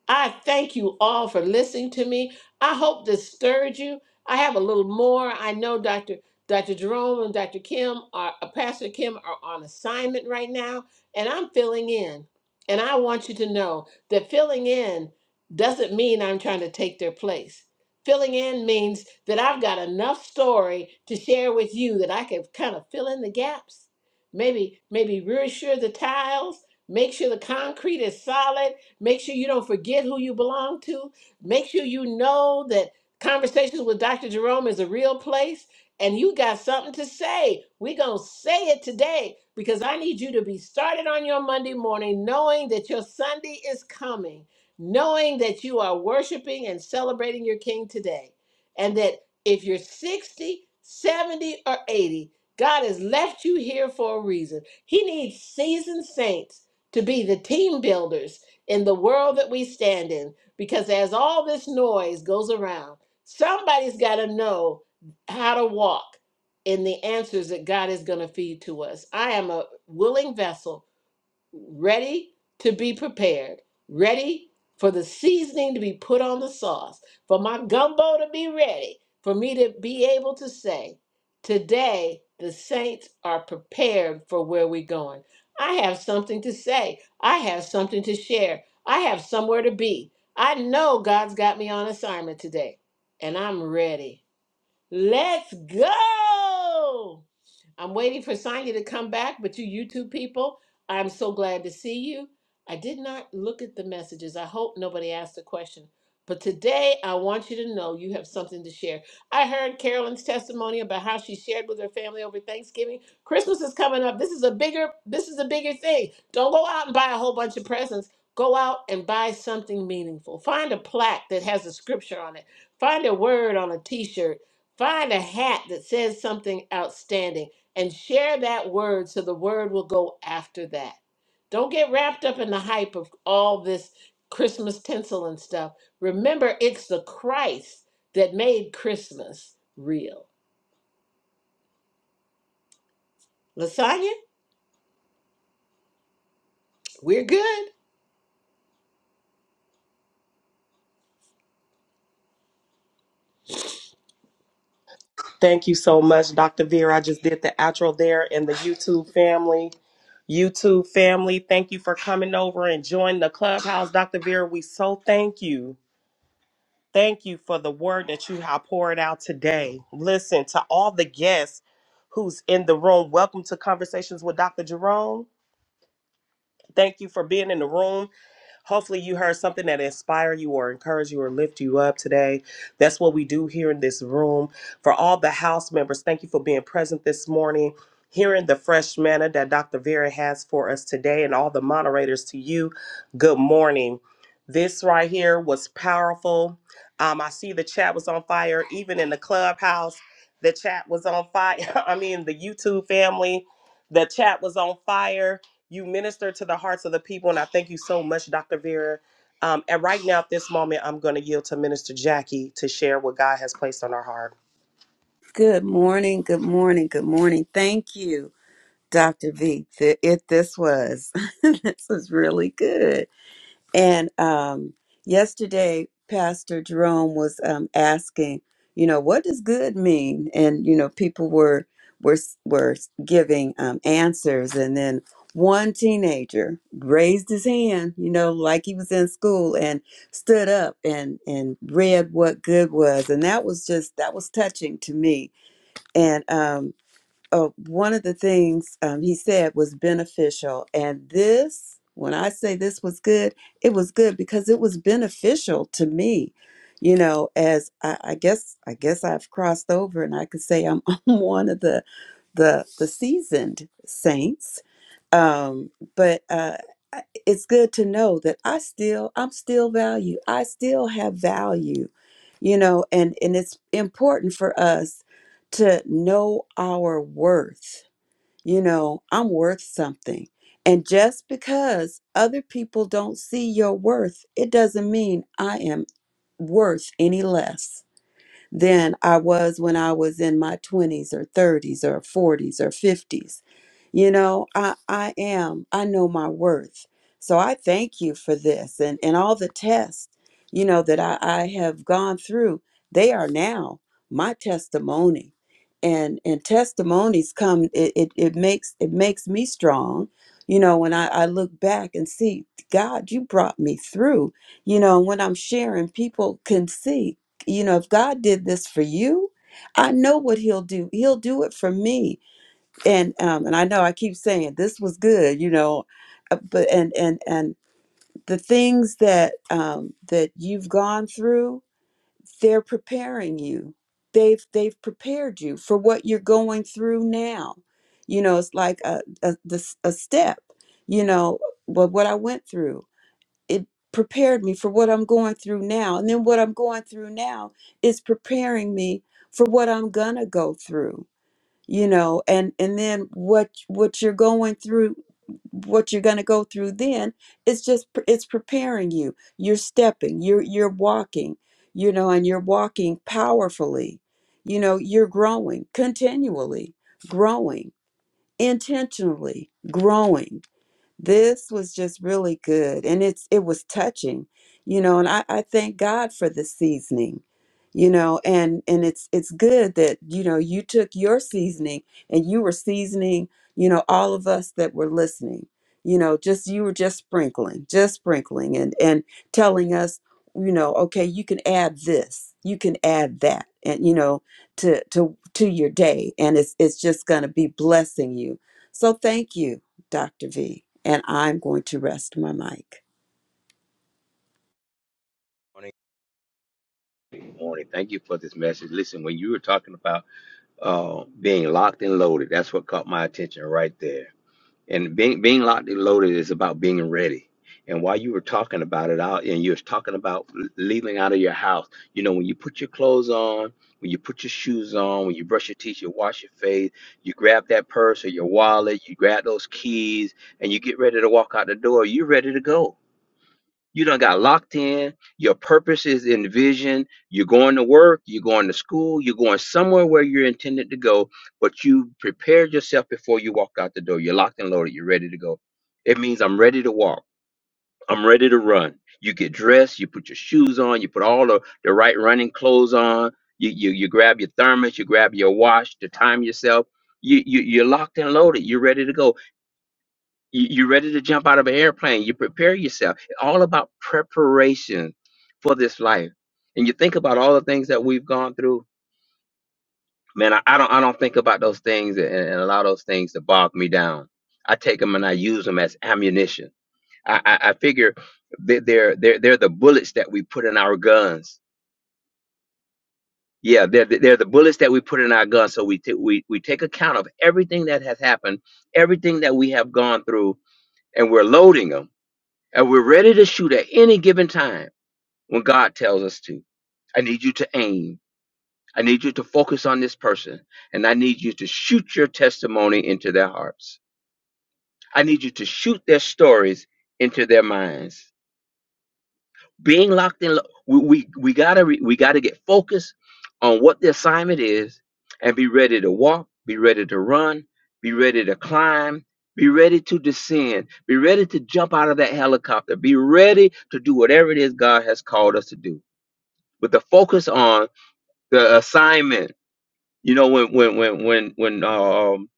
[SPEAKER 3] I thank you all for listening to me. I hope this stirred you. I have a little more. I know Dr. Dr. Jerome and Dr. Kim are uh, Pastor Kim are on assignment right now, and I'm filling in. And I want you to know that filling in doesn't mean I'm trying to take their place. Filling in means that I've got enough story to share with you that I can kind of fill in the gaps. Maybe, maybe reassure the tiles, make sure the concrete is solid Make sure you don't forget who you belong to. Make sure you know that Conversations with Dr. Jerome is a real place and you got something to say. We're going to say it today because I need you to be started on your Monday morning knowing that your Sunday is coming, knowing that you are worshiping and celebrating your King today. And that if you're sixty, seventy, or 80, God has left you here for a reason. He needs seasoned saints to be the team builders in the world that we stand in because as all this noise goes around, somebody's got to know how to walk in the answers that God is going to feed to us. I am a willing vessel ready to be prepared, ready for the seasoning to be put on the sauce, for my gumbo to be ready, for me to be able to say, Today the saints are prepared for where we're going. I have something to say, I have something to share, I have somewhere to be. I know God's got me on assignment today, and I'm ready. Let's go! I'm waiting for Sonya to come back, but you YouTube people, I'm so glad to see you. I did not look at the messages. I hope nobody asked a question. But today, I want you to know you have something to share. I heard Carolyn's testimony about how she shared with her family over Thanksgiving. Christmas is coming up. This is a bigger this is a bigger thing. Don't go out and buy a whole bunch of presents. Go out and buy something meaningful. Find a plaque that has a scripture on it. Find a word on a t-shirt. Find a hat that says something outstanding and share that word so the word will go after that. Don't get wrapped up in the hype of all this Christmas tinsel and stuff. Remember, it's the Christ that made Christmas real. Lasagna, we're good.
[SPEAKER 2] Thank you so much, Dr. Vera. I just did the outro there and the YouTube family. YouTube family, thank you for coming over and joining the clubhouse. Dr. Vera, we so thank you. Thank you for the word that you have poured out today. Listen to all the guests who's in the room. Welcome to Conversations with Dr. Jerome. Thank you for being in the room. Hopefully, you heard something that inspired you or encouraged you or lift you up today. That's what we do here in this room. For all the house members, thank you for being present this morning. Hearing the fresh manna that Dr. Vera has for us today, and all the moderators to you, good morning. This right here was powerful. Um, I see the chat was on fire, even in the clubhouse. The chat was on fire. I mean, the YouTube family, the chat was on fire you minister to the hearts of the people, and I thank you so much, Dr. Vera. Um, and right now, at this moment, I'm going to yield to Minister Jackie to share what God has placed on our heart.
[SPEAKER 4] Good morning, good morning, good morning. Thank you, Dr. V. Th- It this was this was really good. And um yesterday Pastor Jerome was um asking, you know, what does good mean? And you know, people were were were giving um answers and then one teenager raised his hand, you know, like he was in school and stood up and and read what good was. And that was just that was touching to me and um, uh, one of the things um, he said was beneficial. And this, when I say this was good, it was good because it was beneficial to me. You know, as I, I guess, I guess I've crossed over, and I could say I'm, I'm one of the the the seasoned saints. Um, but uh, I- it's good to know that I still I'm still value. I still have value. You know, and and it's important for us to know our worth. You know, I'm worth something. And just because other people don't see your worth, it doesn't mean I am worth any less than I was when I was in my 20s or 30s or 40s or 50s. You know, I, I am, I know my worth. So I thank you for this and, and all the tests, you know, that I, I have gone through. They are now my testimony. And, and testimonies come it, it, it makes it makes me strong you know when I, I look back and see god you brought me through you know when i'm sharing people can see you know, if God did this for you, I know what he'll do. He'll do it for me. And um and I know I keep saying this was good, you know, uh, but and and and the things that um that you've gone through, they're preparing you. They've they've prepared you for what you're going through now. You know, it's like a a, this, a step, you know, what what I went through it prepared me for what I'm going through now. And then what I'm going through now is preparing me for what I'm gonna go through, you know, and and then what what you're going through, what you're gonna go through then, it's just pre- it's preparing you. You're stepping, you're you're walking, you know, and you're walking powerfully. You know, you're growing continually, growing, intentionally growing this was just really good and it's it was touching you know and i, I thank god for the seasoning you know and and it's it's good that you know you took your seasoning and you were seasoning you know all of us that were listening you know just you were just sprinkling just sprinkling and and telling us you know okay you can add this you can add that and you know to to to your day and it's it's just going to be blessing you so thank you Dr. V, and I'm going to rest my mic.
[SPEAKER 5] Morning. Good morning. Thank you for this message. Listen, when you were talking about uh, being locked and loaded, that's what caught my attention right there. And being being locked and loaded is about being ready. And while you were talking about it out, and you was talking about l- leaving out of your house, you know, when you put your clothes on, when you put your shoes on, when you brush your teeth, you wash your face, you grab that purse or your wallet, you grab those keys, and you get ready to walk out the door. You're ready to go you done got locked in. Your purpose is in vision. You're going to work. You're going to school. You're going somewhere where you're intended to go, but you prepared yourself before you walked out the door. You're locked and loaded. You're ready to go. It means I'm ready to walk. I'm ready to run. You get dressed. You put your shoes on. You put all the, the right running clothes on. You, you, you grab your thermos. You grab your watch to time yourself. You, you, you're locked and loaded. You're ready to go you, you're ready to jump out of an airplane. You prepare yourself. It's all about preparation for this life. And you think about all the things that we've gone through. Man, I, I don't I don't think about those things and, and allow those things to bog me down. I take them and I use them as ammunition. I, I, I figure they- they're they're they're the bullets that we put in our guns. Yeah, they're the- they're the bullets that we put in our guns. So we ta- we we take account of everything that has happened, everything that we have gone through, and we're loading them And we're ready to shoot at any given time when God tells us to. I need you to aim. I need you to focus on this person. And I need you to shoot your testimony into their hearts. I need you to shoot their stories into their minds. being locked in lo- we we, we gotta re, we gotta get focused on what the assignment is and be ready to walk be ready to run be ready to climb be ready to descend be ready to jump out of that helicopter be ready to do whatever it is god has called us to do with the focus on the assignment you know when when when when when um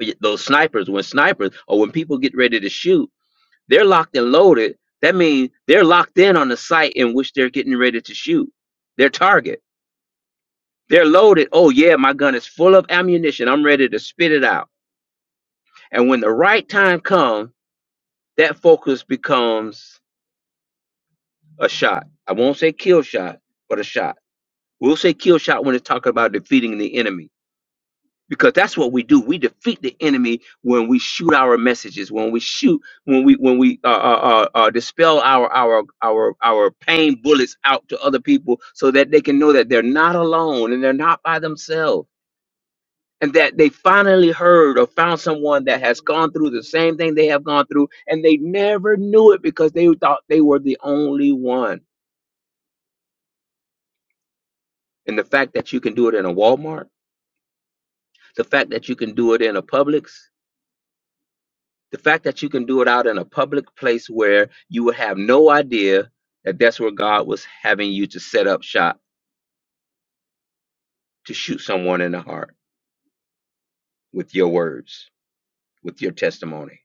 [SPEAKER 5] y- those snipers when snipers or when people get ready to shoot they're locked and loaded. That means they're locked in on the site in which they're getting ready to shoot their target. They're loaded. Oh yeah, my gun is full of ammunition. I'm ready to spit it out. And when the right time comes, that focus becomes a shot. I won't say kill shot, but a shot. We'll say kill shot when it's talking about defeating the enemy because that's what we do we defeat the enemy when we shoot our messages when we shoot when we when we uh, uh, uh, uh, dispel our our our our pain bullets out to other people so that they can know that they're not alone and they're not by themselves and that they finally heard or found someone that has gone through the same thing they have gone through and they never knew it because they thought they were the only one and the fact that you can do it in a walmart the fact that you can do it in a publix The fact that you can do it out in a public place where you would have no idea that that's where God was having you to set up shop to shoot someone in the heart with your words, with your testimony.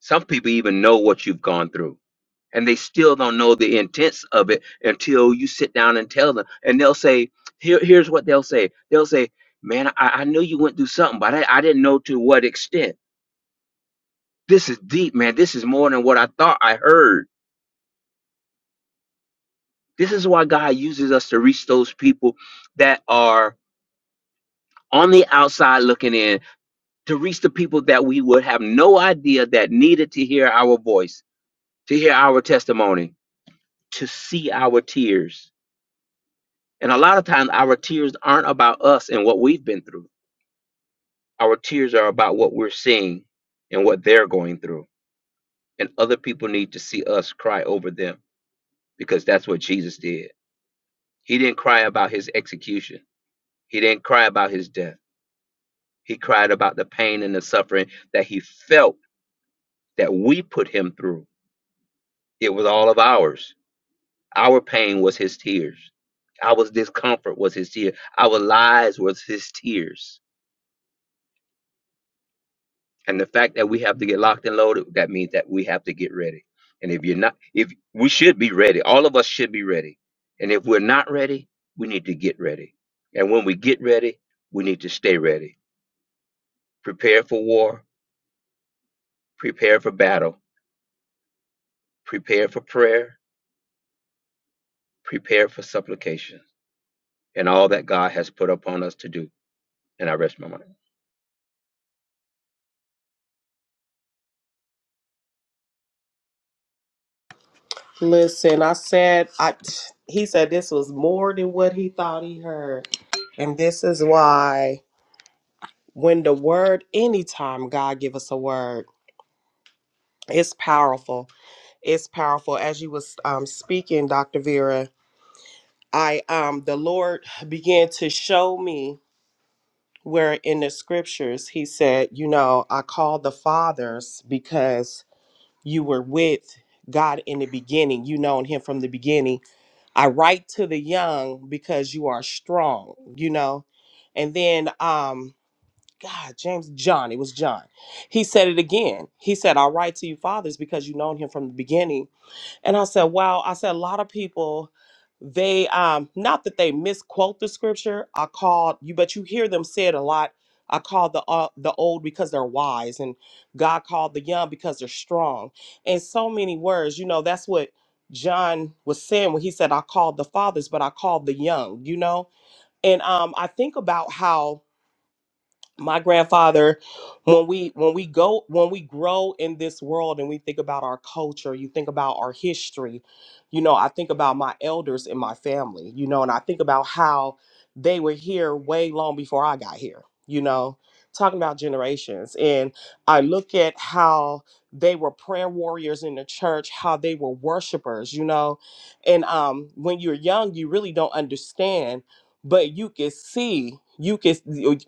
[SPEAKER 5] Some people even know what you've gone through and they still don't know the intents of it until you sit down and tell them. And they'll say, Here, here's what they'll say. They'll say, Man, I, I knew you went through something, but I, I didn't know to what extent. This is deep, man. This is more than what I thought I heard This is why God uses us to reach those people that are on the outside looking in, to reach the people that we would have no idea that needed to hear our voice, to hear our testimony, to see our tears. And a lot of times, our tears aren't about us and what we've been through. Our tears are about what we're seeing and what they're going through. And other people need to see us cry over them because that's what Jesus did. He didn't cry about his execution, he didn't cry about his death. He cried about the pain and the suffering that he felt that we put him through. It was all of ours. Our pain was his tears. Our discomfort was his tears. Our lies was his tears. And the fact that we have to get locked and loaded, that means that we have to get ready. And if you're not, if we should be ready, all of us should be ready. And if we're not ready, we need to get ready. And when we get ready, we need to stay ready. Prepare for war, prepare for battle, prepare for prayer, prepared for supplication and all that God has put upon us to do. And I rest my mind.
[SPEAKER 2] Listen, I said, I he said this was more than what he thought he heard, and this is why when the word, anytime God give us a word, it's powerful. It's powerful. As you was um, speaking, Dr. Vera, I um the Lord began to show me. where in the scriptures he said, You know, I called the fathers because you were with God in the beginning. You known him from the beginning. I write to the young because you are strong, you know. And then um God, James, John, it was John. He said it again. He said, I write to you fathers because you known him from the beginning and I said, wow, I said a lot of people, they um not that they misquote the scripture. I called you, but you hear them say it a lot. I call the uh, the old because they're wise, and God called the young because they're strong. And so many words, you know, that's what John was saying when he said, "I called the fathers, but I called the young." You know, and um, I think about how my grandfather when we when we go when we grow in this world and we think about our culture you think about our history you know i think about my elders in my family you know and i think about how they were here way long before i got here you know talking about generations and i look at how they were prayer warriors in the church how they were worshipers you know and um when you're young you really don't understand but you can see you can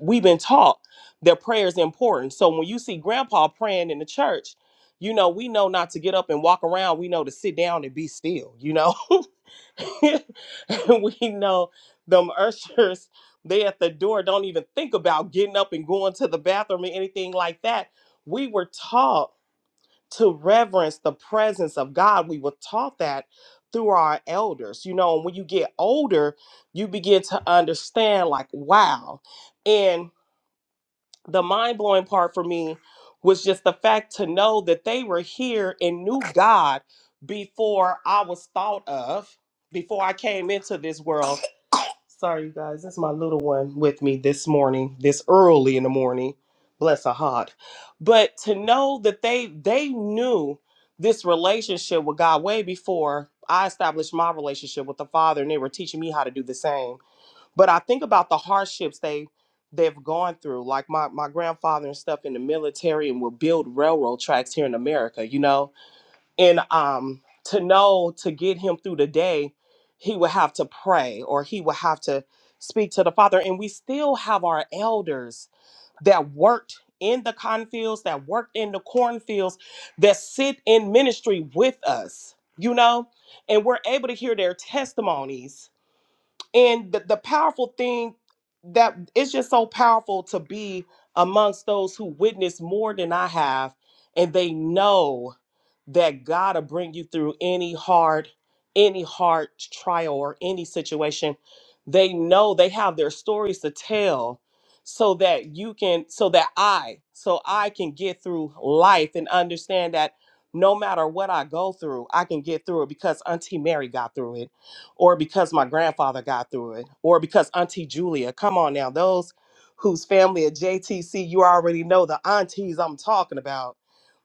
[SPEAKER 2] we've been taught their prayer is important. So when you see grandpa praying in the church, you know, we know not to get up and walk around. We know to sit down and be still, you know. we know them ushers, they at the door don't even think about getting up and going to the bathroom or anything like that. We were taught to reverence the presence of God. We were taught that through our elders, you know, and when you get older, you begin to understand, like, wow. And the mind blowing part for me was just the fact to know that they were here and knew God before I was thought of, before I came into this world. Sorry, you guys, that's my little one with me this morning, this early in the morning. Bless her heart. But to know that they they knew this relationship with God way before I established my relationship with the Father, and they were teaching me how to do the same but I think about the hardships they they've gone through, like my my grandfather and stuff in the military, and will build railroad tracks here in America, you know, and um to know to get him through the day, he would have to pray or he would have to speak to the Father, and we still have our elders that worked in the cornfields, that worked in the cornfields, that sit in ministry with us, you know, and we're able to hear their testimonies and the, the powerful thing that it's just so powerful to be amongst those who witness more than I have, and they know that God will bring you through any hard, any hard trial or any situation. They know they have their stories to tell so that you can so that I so I can get through life and understand that no matter what I go through, I can get through it because Auntie Mary got through it or because my grandfather got through it, or because Auntie Julia. Come on now, those whose family at JTC, you already know the aunties I'm talking about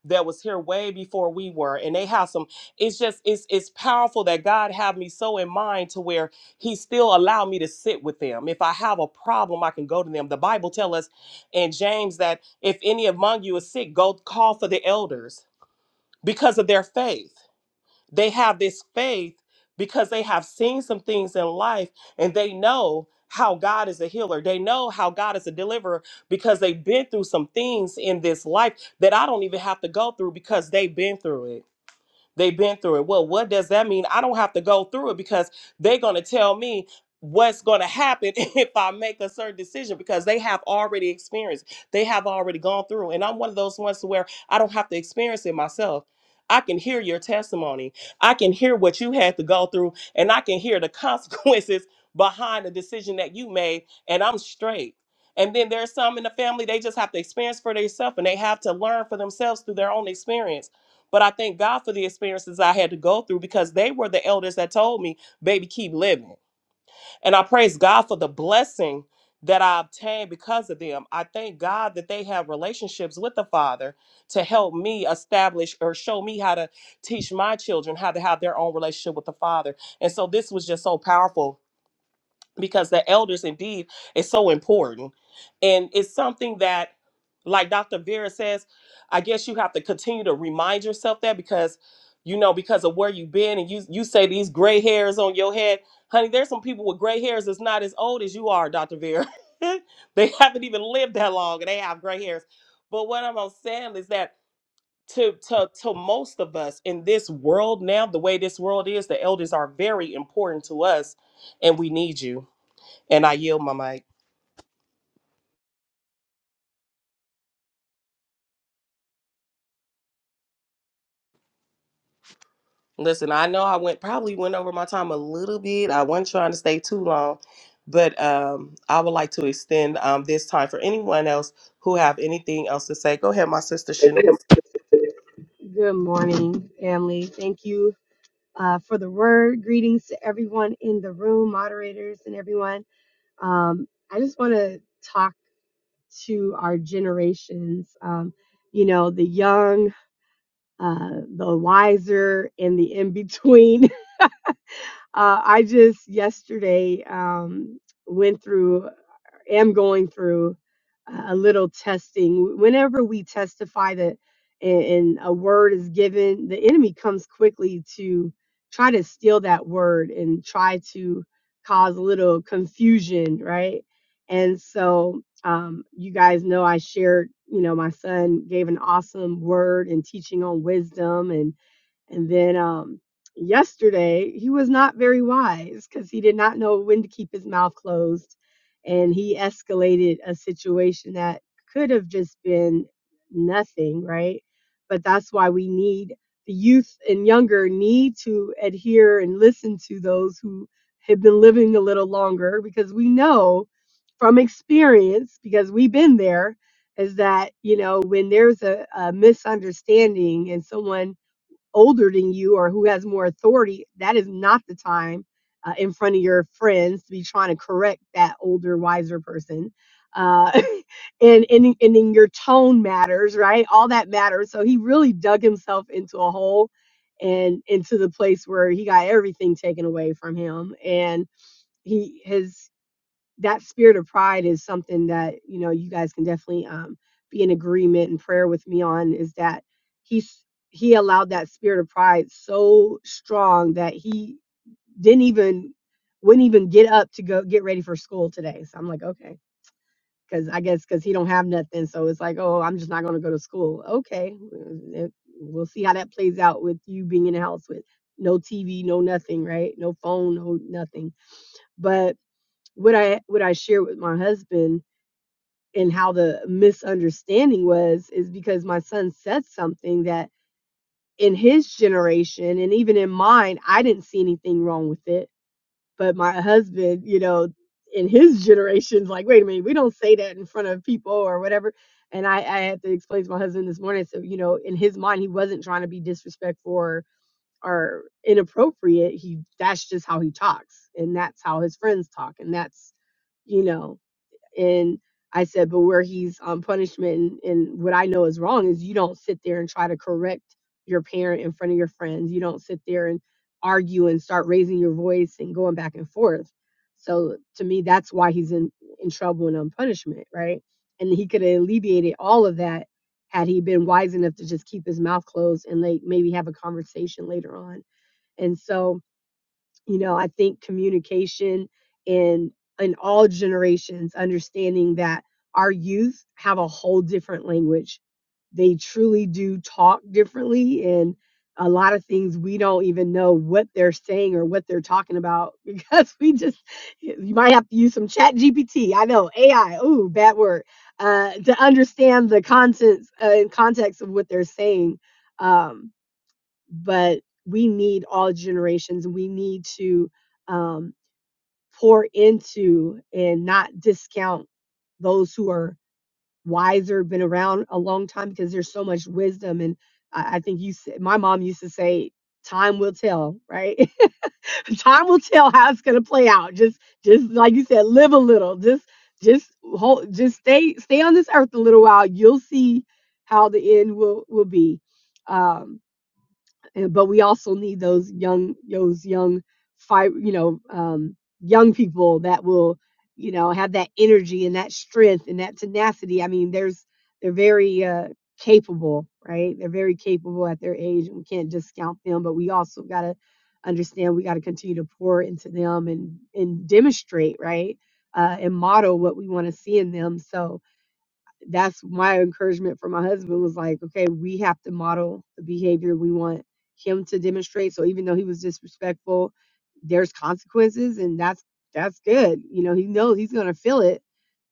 [SPEAKER 2] that was here way before we were and they have some it's just it's it's powerful that god have me so in mind to where he still allow me to sit with them if i have a problem i can go to them the bible tell us in james that if any among you is sick go call for the elders because of their faith they have this faith because they have seen some things in life and they know how God is a healer. They know how God is a deliverer because they've been through some things in this life that I don't even have to go through because they've been through it. They've been through it. Well, what does that mean? I don't have to go through it because they're going to tell me what's going to happen if I make a certain decision because they have already experienced. They have already gone through. And I'm one of those ones to where I don't have to experience it myself. I can hear your testimony. I can hear what you had to go through and I can hear the consequences behind the decision that you made and I'm straight. And then there's some in the family they just have to experience for themselves and they have to learn for themselves through their own experience. But I thank God for the experiences I had to go through because they were the elders that told me, baby, keep living. And I praise God for the blessing that I obtained because of them. I thank God that they have relationships with the Father to help me establish or show me how to teach my children how to have their own relationship with the Father. And so this was just so powerful because the elders indeed is so important and it's something that like dr vera says i guess you have to continue to remind yourself that because you know because of where you've been and you you say these gray hairs on your head honey there's some people with gray hairs that's not as old as you are dr vera they haven't even lived that long and they have gray hairs but what i'm saying is that to, to to most of us in this world now the way this world is the elders are very important to us and we need you and I yield my mic. Listen, I know I went probably went over my time a little bit. I wasn't trying to stay too long, but um, I would like to extend um, this time for anyone else who have anything else to say. Go ahead, my sister
[SPEAKER 6] Say, go
[SPEAKER 2] Shanice.
[SPEAKER 6] ahead. Good morning, family. Thank you uh, for the word. Greetings to everyone in the room, moderators, and everyone. Um, I just want to talk to our generations. Um, you know, the young, uh, the wiser, and the in between. Uh, I just yesterday um, went through, am going through a little testing. Whenever we testify that and, and a word is given, the enemy comes quickly to try to steal that word and try to cause a little confusion, right? And so um, you guys know I shared, you know, my son gave an awesome word and teaching on wisdom and and then um, yesterday, he was not very wise because he did not know when to keep his mouth closed. And he escalated a situation that could have just been nothing, right? But that's why we need the youth and younger need to adhere and listen to those who have been living a little longer because we know from experience, because we've been there, is that, you know, when there's a, a misunderstanding and someone older than you or who has more authority, that is not the time uh, in front of your friends to be trying to correct that older, wiser person. Uh, and, and, and then your tone matters, right? All that matters. So he really dug himself into a hole and into the place where he got everything taken away from him. And he, his that spirit of pride is something that you know you guys can definitely um, be in agreement and prayer with me on is that he's he allowed that spirit of pride so strong that he didn't even wouldn't even get up to go get ready for school today so i'm like okay because i guess because he don't have nothing so it's like oh i'm just not going to go to school okay mm, it- we'll see how that plays out with you being in the house with no tv no nothing right no phone no nothing but what i what i share with my husband and how the misunderstanding was is because my son said something that in his generation and even in mine i didn't see anything wrong with it but my husband you know in his generation's like wait a minute we don't say that in front of people or whatever and i i had to explain to my husband this morning so you know in his mind he wasn't trying to be disrespectful or or inappropriate he that's just how he talks and that's how his friends talk and that's you know and I said, but where he's on punishment and, and what I know is wrong is you don't sit there and try to correct your parent in front of your friends. You don't sit there and argue and start raising your voice and going back and forth. So to me, that's why he's in, in trouble and on punishment, right? And he could have alleviated all of that had he been wise enough to just keep his mouth closed and like maybe have a conversation later on. And so you know i think communication in in all generations understanding that our youth have a whole different language they truly do talk differently and a lot of things we don't even know what they're saying or what they're talking about because we just you might have to use some chat gpt i know ai ooh bad word uh, to understand the contents uh, and context of what they're saying Um but we need all generations. We need to um, pour into and not discount those who are wiser, been around a long time, because there's so much wisdom. And I, I think you, said, my mom used to say, "Time will tell," right? time will tell how it's going to play out. Just, just like you said, live a little. Just, just hold, just stay, stay on this earth a little while. You'll see how the end will will be. Um, and- but we also need those young those young five you know um, young people that will you know have that energy and that strength and that tenacity i mean there's they're very uh, capable right they're very capable at their age and we can't discount them but we also got to understand we got to continue to pour into them and and demonstrate right uh, and model what we want to see in them so that's my encouragement for my husband was like, okay, we have to model the behavior we want him to demonstrate. So even though he was disrespectful, there's consequences, and that's that's good. You know, he knows he's gonna feel it,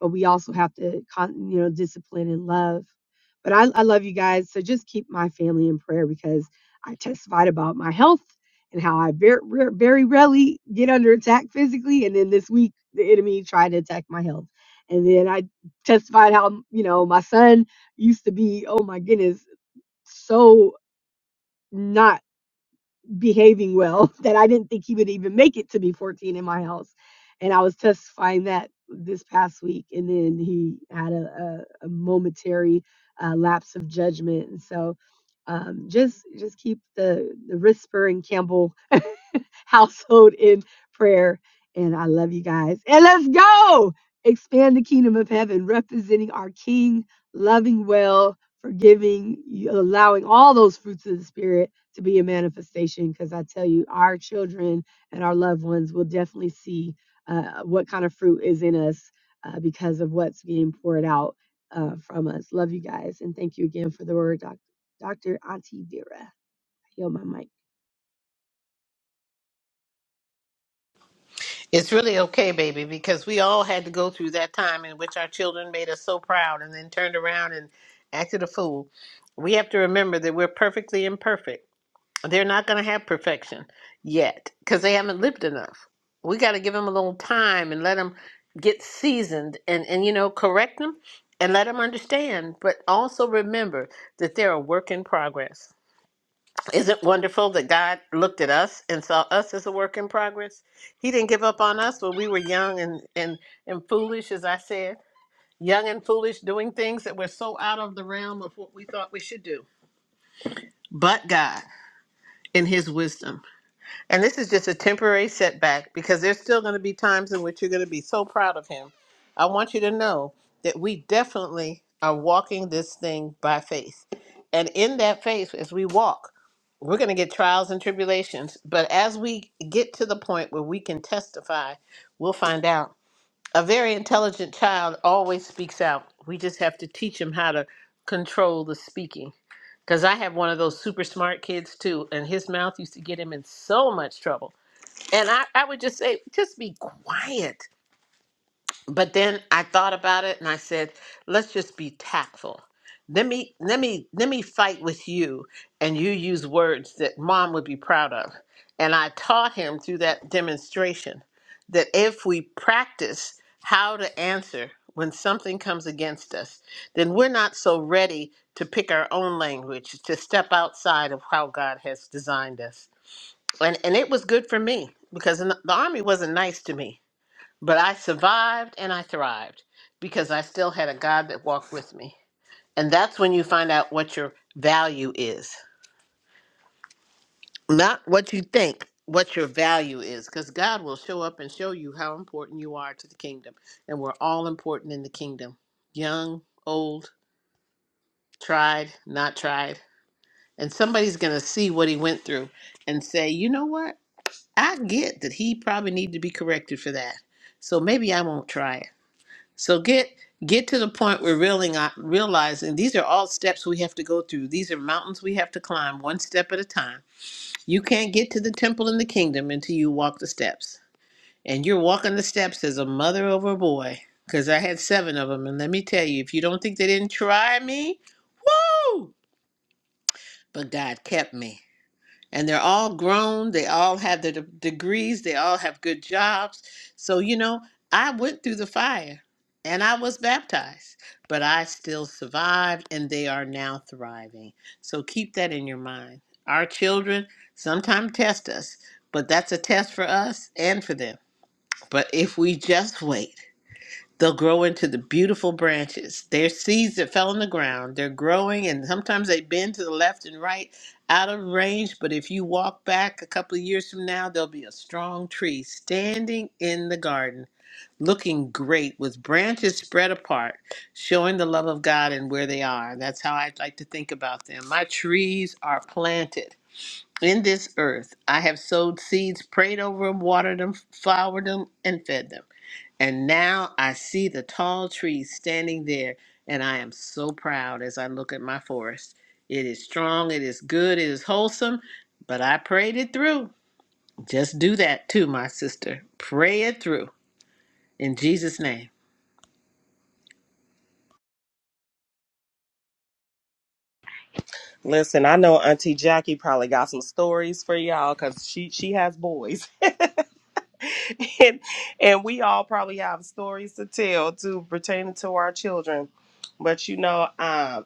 [SPEAKER 6] but we also have to, con- you know, discipline and love. But I, I love you guys. So just keep my family in prayer because I testified about my health and how I very, very rarely get under attack physically. And then this week, the enemy tried to attack my health. And then I testified how you know my son used to be oh my goodness so not behaving well that i didn't think he would even make it to be 14 in my house and i was testifying that this past week and then he had a, a, a momentary uh, lapse of judgment and so um, just just keep the the whisper and Campbell household in prayer. And I love you guys. And let's go expand the kingdom of heaven, representing our King, loving well, forgiving, allowing all those fruits of the Spirit to be a manifestation. Because I tell you, our children and our loved ones will definitely see uh, what kind of fruit is in us uh, because of what's being poured out uh, from us. Love you guys. And thank you again for the word, Doc- Dr. Auntie Vera. Yo, my mic.
[SPEAKER 3] It's really okay, baby, because we all had to go through that time in which our children made us so proud and then turned around and acted a fool. We have to remember that we're perfectly imperfect. They're not going to have perfection yet because they haven't lived enough. We got to give them a little time and let them get seasoned and, and, you know, correct them and let them understand. But also remember that they're a work in progress. Isn't it wonderful that God looked at us and saw us as a work in progress? He didn't give up on us when we were young and, and, and foolish, as I said, young and foolish, doing things that were so out of the realm of what we thought we should do. But God, in His wisdom. And this is just a temporary setback because there's still going to be times in which you're going to be so proud of him. I want you to know that we definitely are walking this thing by faith. And in that faith, as we walk, we're going to get trials and tribulations. But as we get to the point where we can testify, we'll find out. A very intelligent child always speaks out. We just have to teach him how to control the speaking. Because I have one of those super smart kids too, and his mouth used to get him in so much trouble and I, I would just say, just be quiet. But then I thought about it and I said, let's just be tactful. Let me let me let me fight with you and you use words that mom would be proud of. And I taught him through that demonstration that if we practice how to answer when something comes against us, then we're not so ready to pick our own language, to step outside of how God has designed us and and it was good for me because in the the army wasn't nice to me but i survived and i thrived because i still had a god that walked with me and that's when you find out what your value is not what you think what your value is because god will show up and show you how important you are to the kingdom and we're all important in the kingdom young old tried not tried and somebody's going to see what he went through and say you know what I get that he probably need to be corrected for that. So maybe I won't try it. So get get to the point where realizing realizing these are all steps we have to go through. These are mountains we have to climb one step at a time. You can't get to the temple in the kingdom until you walk the steps. And you're walking the steps as a mother over a boy cuz I had 7 of them and let me tell you if you don't think they didn't try me, woo! But God kept me and they're all grown they all have their de- degrees they all have good jobs so you know i went through the fire and i was baptized but i still survived and they are now thriving so keep that in your mind our children sometimes test us but that's a test for us and for them but if we just wait They'll grow into the beautiful branches. They're seeds that fell on the ground. They're growing, and sometimes they bend to the left and right out of range. But if you walk back a couple of years from now, there'll be a strong tree standing in the garden, looking great, with branches spread apart, showing the love of God and where they are. That's how I'd like to think about them. My trees are planted in this earth. I have sowed seeds, prayed over them, watered them, flowered them, and fed them. And now I see the tall trees standing there, and I am so proud as I look at my forest. It is strong, it is good, it is wholesome, but I prayed it through. Just do that too, my sister. Pray it through. In Jesus' name.
[SPEAKER 2] Listen, I know Auntie Jackie probably got some stories for y'all because she she has boys. and, and we all probably have stories to tell too pertaining to our children. But you know, um,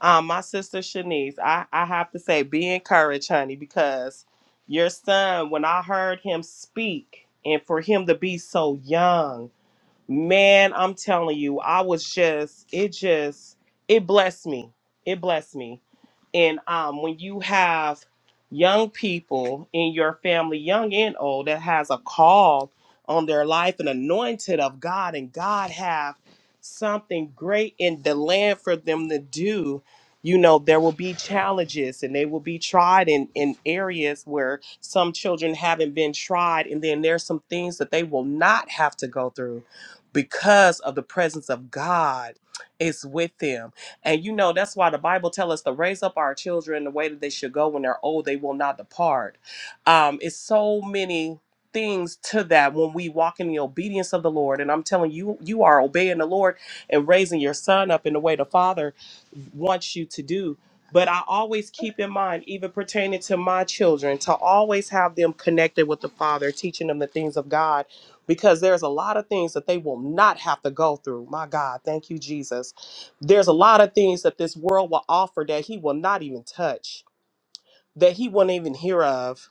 [SPEAKER 2] um, my sister Shanice, I, I have to say, be encouraged, honey, because your son, when I heard him speak, and for him to be so young, Man, I'm telling you, I was just, it just, it blessed me. It blessed me. And um, when you have young people in your family, young and old, that has a call on their life and anointed of God, and God have something great in the land for them to do, you know, there will be challenges and they will be tried in, in areas where some children haven't been tried. And then there's some things that they will not have to go through because of the presence of God is with them. And you know, that's why the Bible tells us to raise up our children the way that they should go when they're old, they will not depart. Um, it's so many things to that when we walk in the obedience of the Lord. And I'm telling you, you are obeying the Lord and raising your son up in the way the Father wants you to do. But I always keep in mind, even pertaining to my children, to always have them connected with the Father, teaching them the things of God because there's a lot of things that they will not have to go through. My God, thank you, Jesus. There's a lot of things that this world will offer that He will not even touch, that He won't even hear of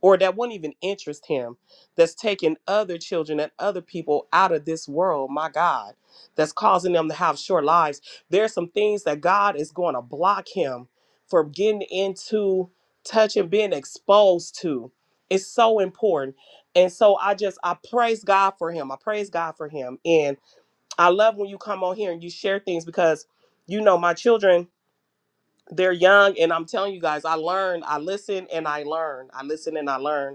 [SPEAKER 2] or that won't even interest him, that's taking other children and other people out of this world, my God, that's causing them to have short lives. There are some things that God is going to block him from getting into, touching, being exposed to. It's so important. And so I just, I praise God for him. I praise God for him. And I love when you come on here and you share things because, you know, my children, they're young. And I'm telling you guys, I learn, I listen and I learn. I listen and I learn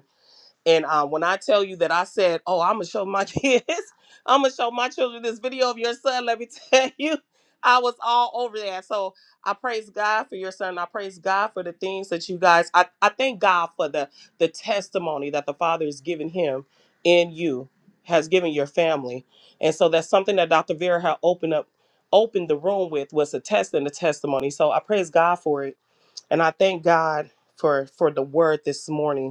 [SPEAKER 2] and uh, when I tell you that I said, "Oh, I'm gonna show my kids, I'm gonna show my children this video of your son," let me tell you, I was all over that. So I praise God for your son. I praise God for the things that you guys. I, I thank God for the the testimony that the Father has given him in you, has given your family, and so that's something that Dr. Vera had opened up, opened the room with was a test and a testimony. So I praise God for it, and I thank God for for the word this morning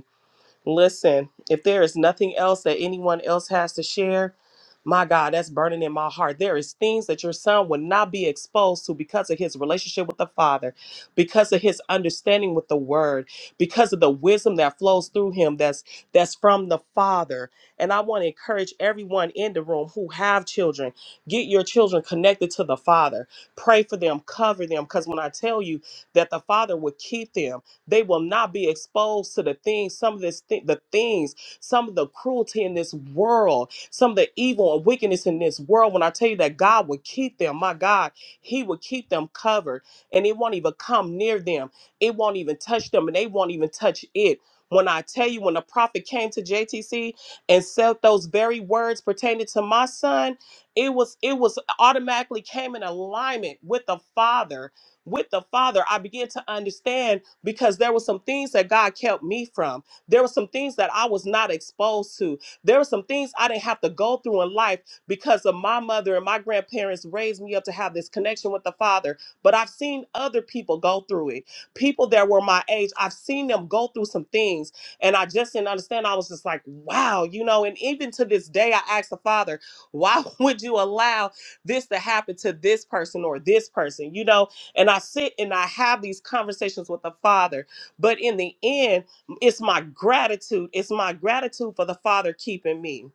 [SPEAKER 2] Listen, if there is nothing else that anyone else has to share, my God, that's burning in my heart. There is things that your son would not be exposed to because of his relationship with the Father, because of his understanding with the Word, because of the wisdom that flows through him that's that's from the Father. And I want to encourage everyone in the room who have children, get your children connected to the Father. Pray for them, cover them, because when I tell you that the Father would keep them. They will not be exposed to the things, some of this thi- the things, some of the cruelty in this world, some of the evil and wickedness in this world. When I tell you that God would keep them, my God, He would keep them covered and it won't even come near them. It won't even touch them and they won't even touch it. When I tell you, when the prophet came to JTC and said those very words pertaining to my son, it was it was automatically came in alignment with the father with the father i began to understand because there were some things that God kept me from. There were some things that I was not exposed to. There were some things I didn't have to go through in life because of my mother and my grandparents raised me up to have this connection with the Father. But I've seen other people go through it. People that were my age, I've seen them go through some things and I just didn't understand. I was just like, wow, you know, and even to this day, I asked the Father, why would you allow this to happen to this person or this person, you know? and I sit and I have these conversations with the Father. But in the end, it's my gratitude. It's my gratitude for the Father keeping me.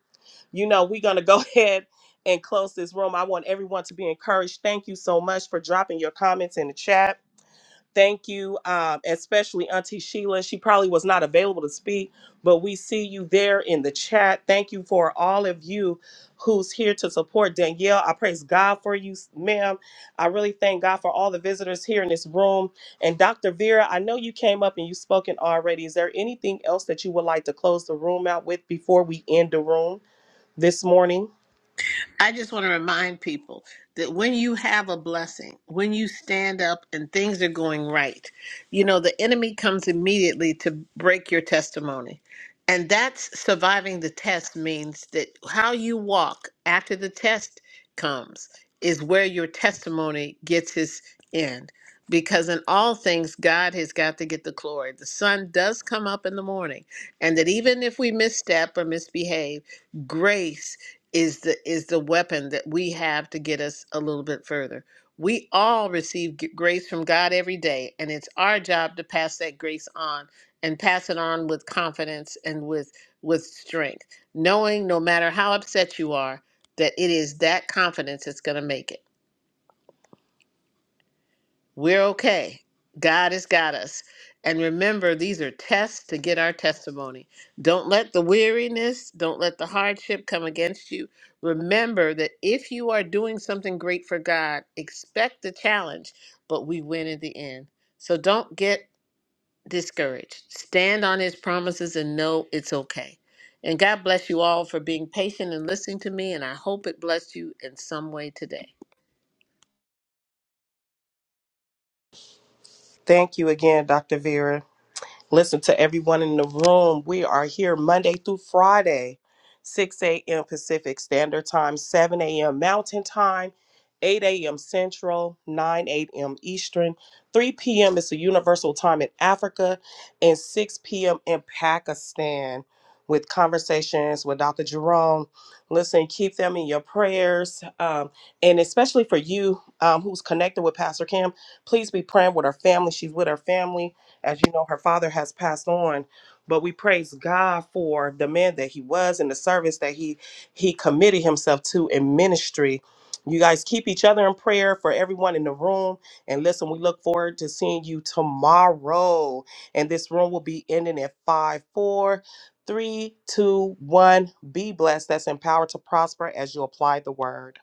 [SPEAKER 2] You know, we're going to go ahead and close this room. I want everyone to be encouraged. Thank you so much for dropping your comments in the chat. Thank you, um, especially Auntie Sheila. She probably was not available to speak, but we see you there in the chat. Thank you for all of you who's here to support Danielle. I praise God for you, ma'am. I really thank God for all the visitors here in this room. And Dr. Vera, I know you came up and you've spoken already. Is there anything else that you would like to close the room out with before we end the room this morning?
[SPEAKER 3] I just want to remind people that when you have a blessing, when you stand up and things are going right, you know, the enemy comes immediately to break your testimony. And that's surviving the test means that how you walk after the test comes is where your testimony gets his end. Because in all things, God has got to get the glory. The sun does come up in the morning, and that even if we misstep or misbehave, grace is the is the weapon that we have to get us a little bit further. We all receive g- grace from God every day, and it's our job to pass that grace on and pass it on with confidence and with with strength, knowing no matter how upset you are that it is that confidence that's going to make it. We're okay. God has got us. And remember, these are tests to get our testimony. Don't let the weariness, don't let the hardship come against you. Remember that if you are doing something great for God, expect the challenge, but we win in the end. So don't get discouraged. Stand on his promises and know it's okay. And God bless you all for being patient and listening to me. And I hope it blessed you in some way today.
[SPEAKER 2] Thank you again, Dr. Vera. Listen to everyone in the room. We are here Monday through Friday, 6 a.m. Pacific Standard Time, 7 a.m. Mountain Time, 8 a.m. Central, 9 a.m. Eastern, 3 p.m. is the Universal Time in Africa, and 6 p.m. in Pakistan with conversations with Dr. Jerome. Listen, keep them in your prayers. Um, and especially for you um, who's connected with Pastor Kim, please be praying with her family. She's with her family as you know, her father has passed on, but we praise God for the man that he was and the service that he he committed himself to in ministry. You guys keep each other in prayer for everyone in the room. And listen, we look forward to seeing you tomorrow. And this room will be ending at five, four, three, two, one. Be blessed. That's empowered to prosper as you apply the word.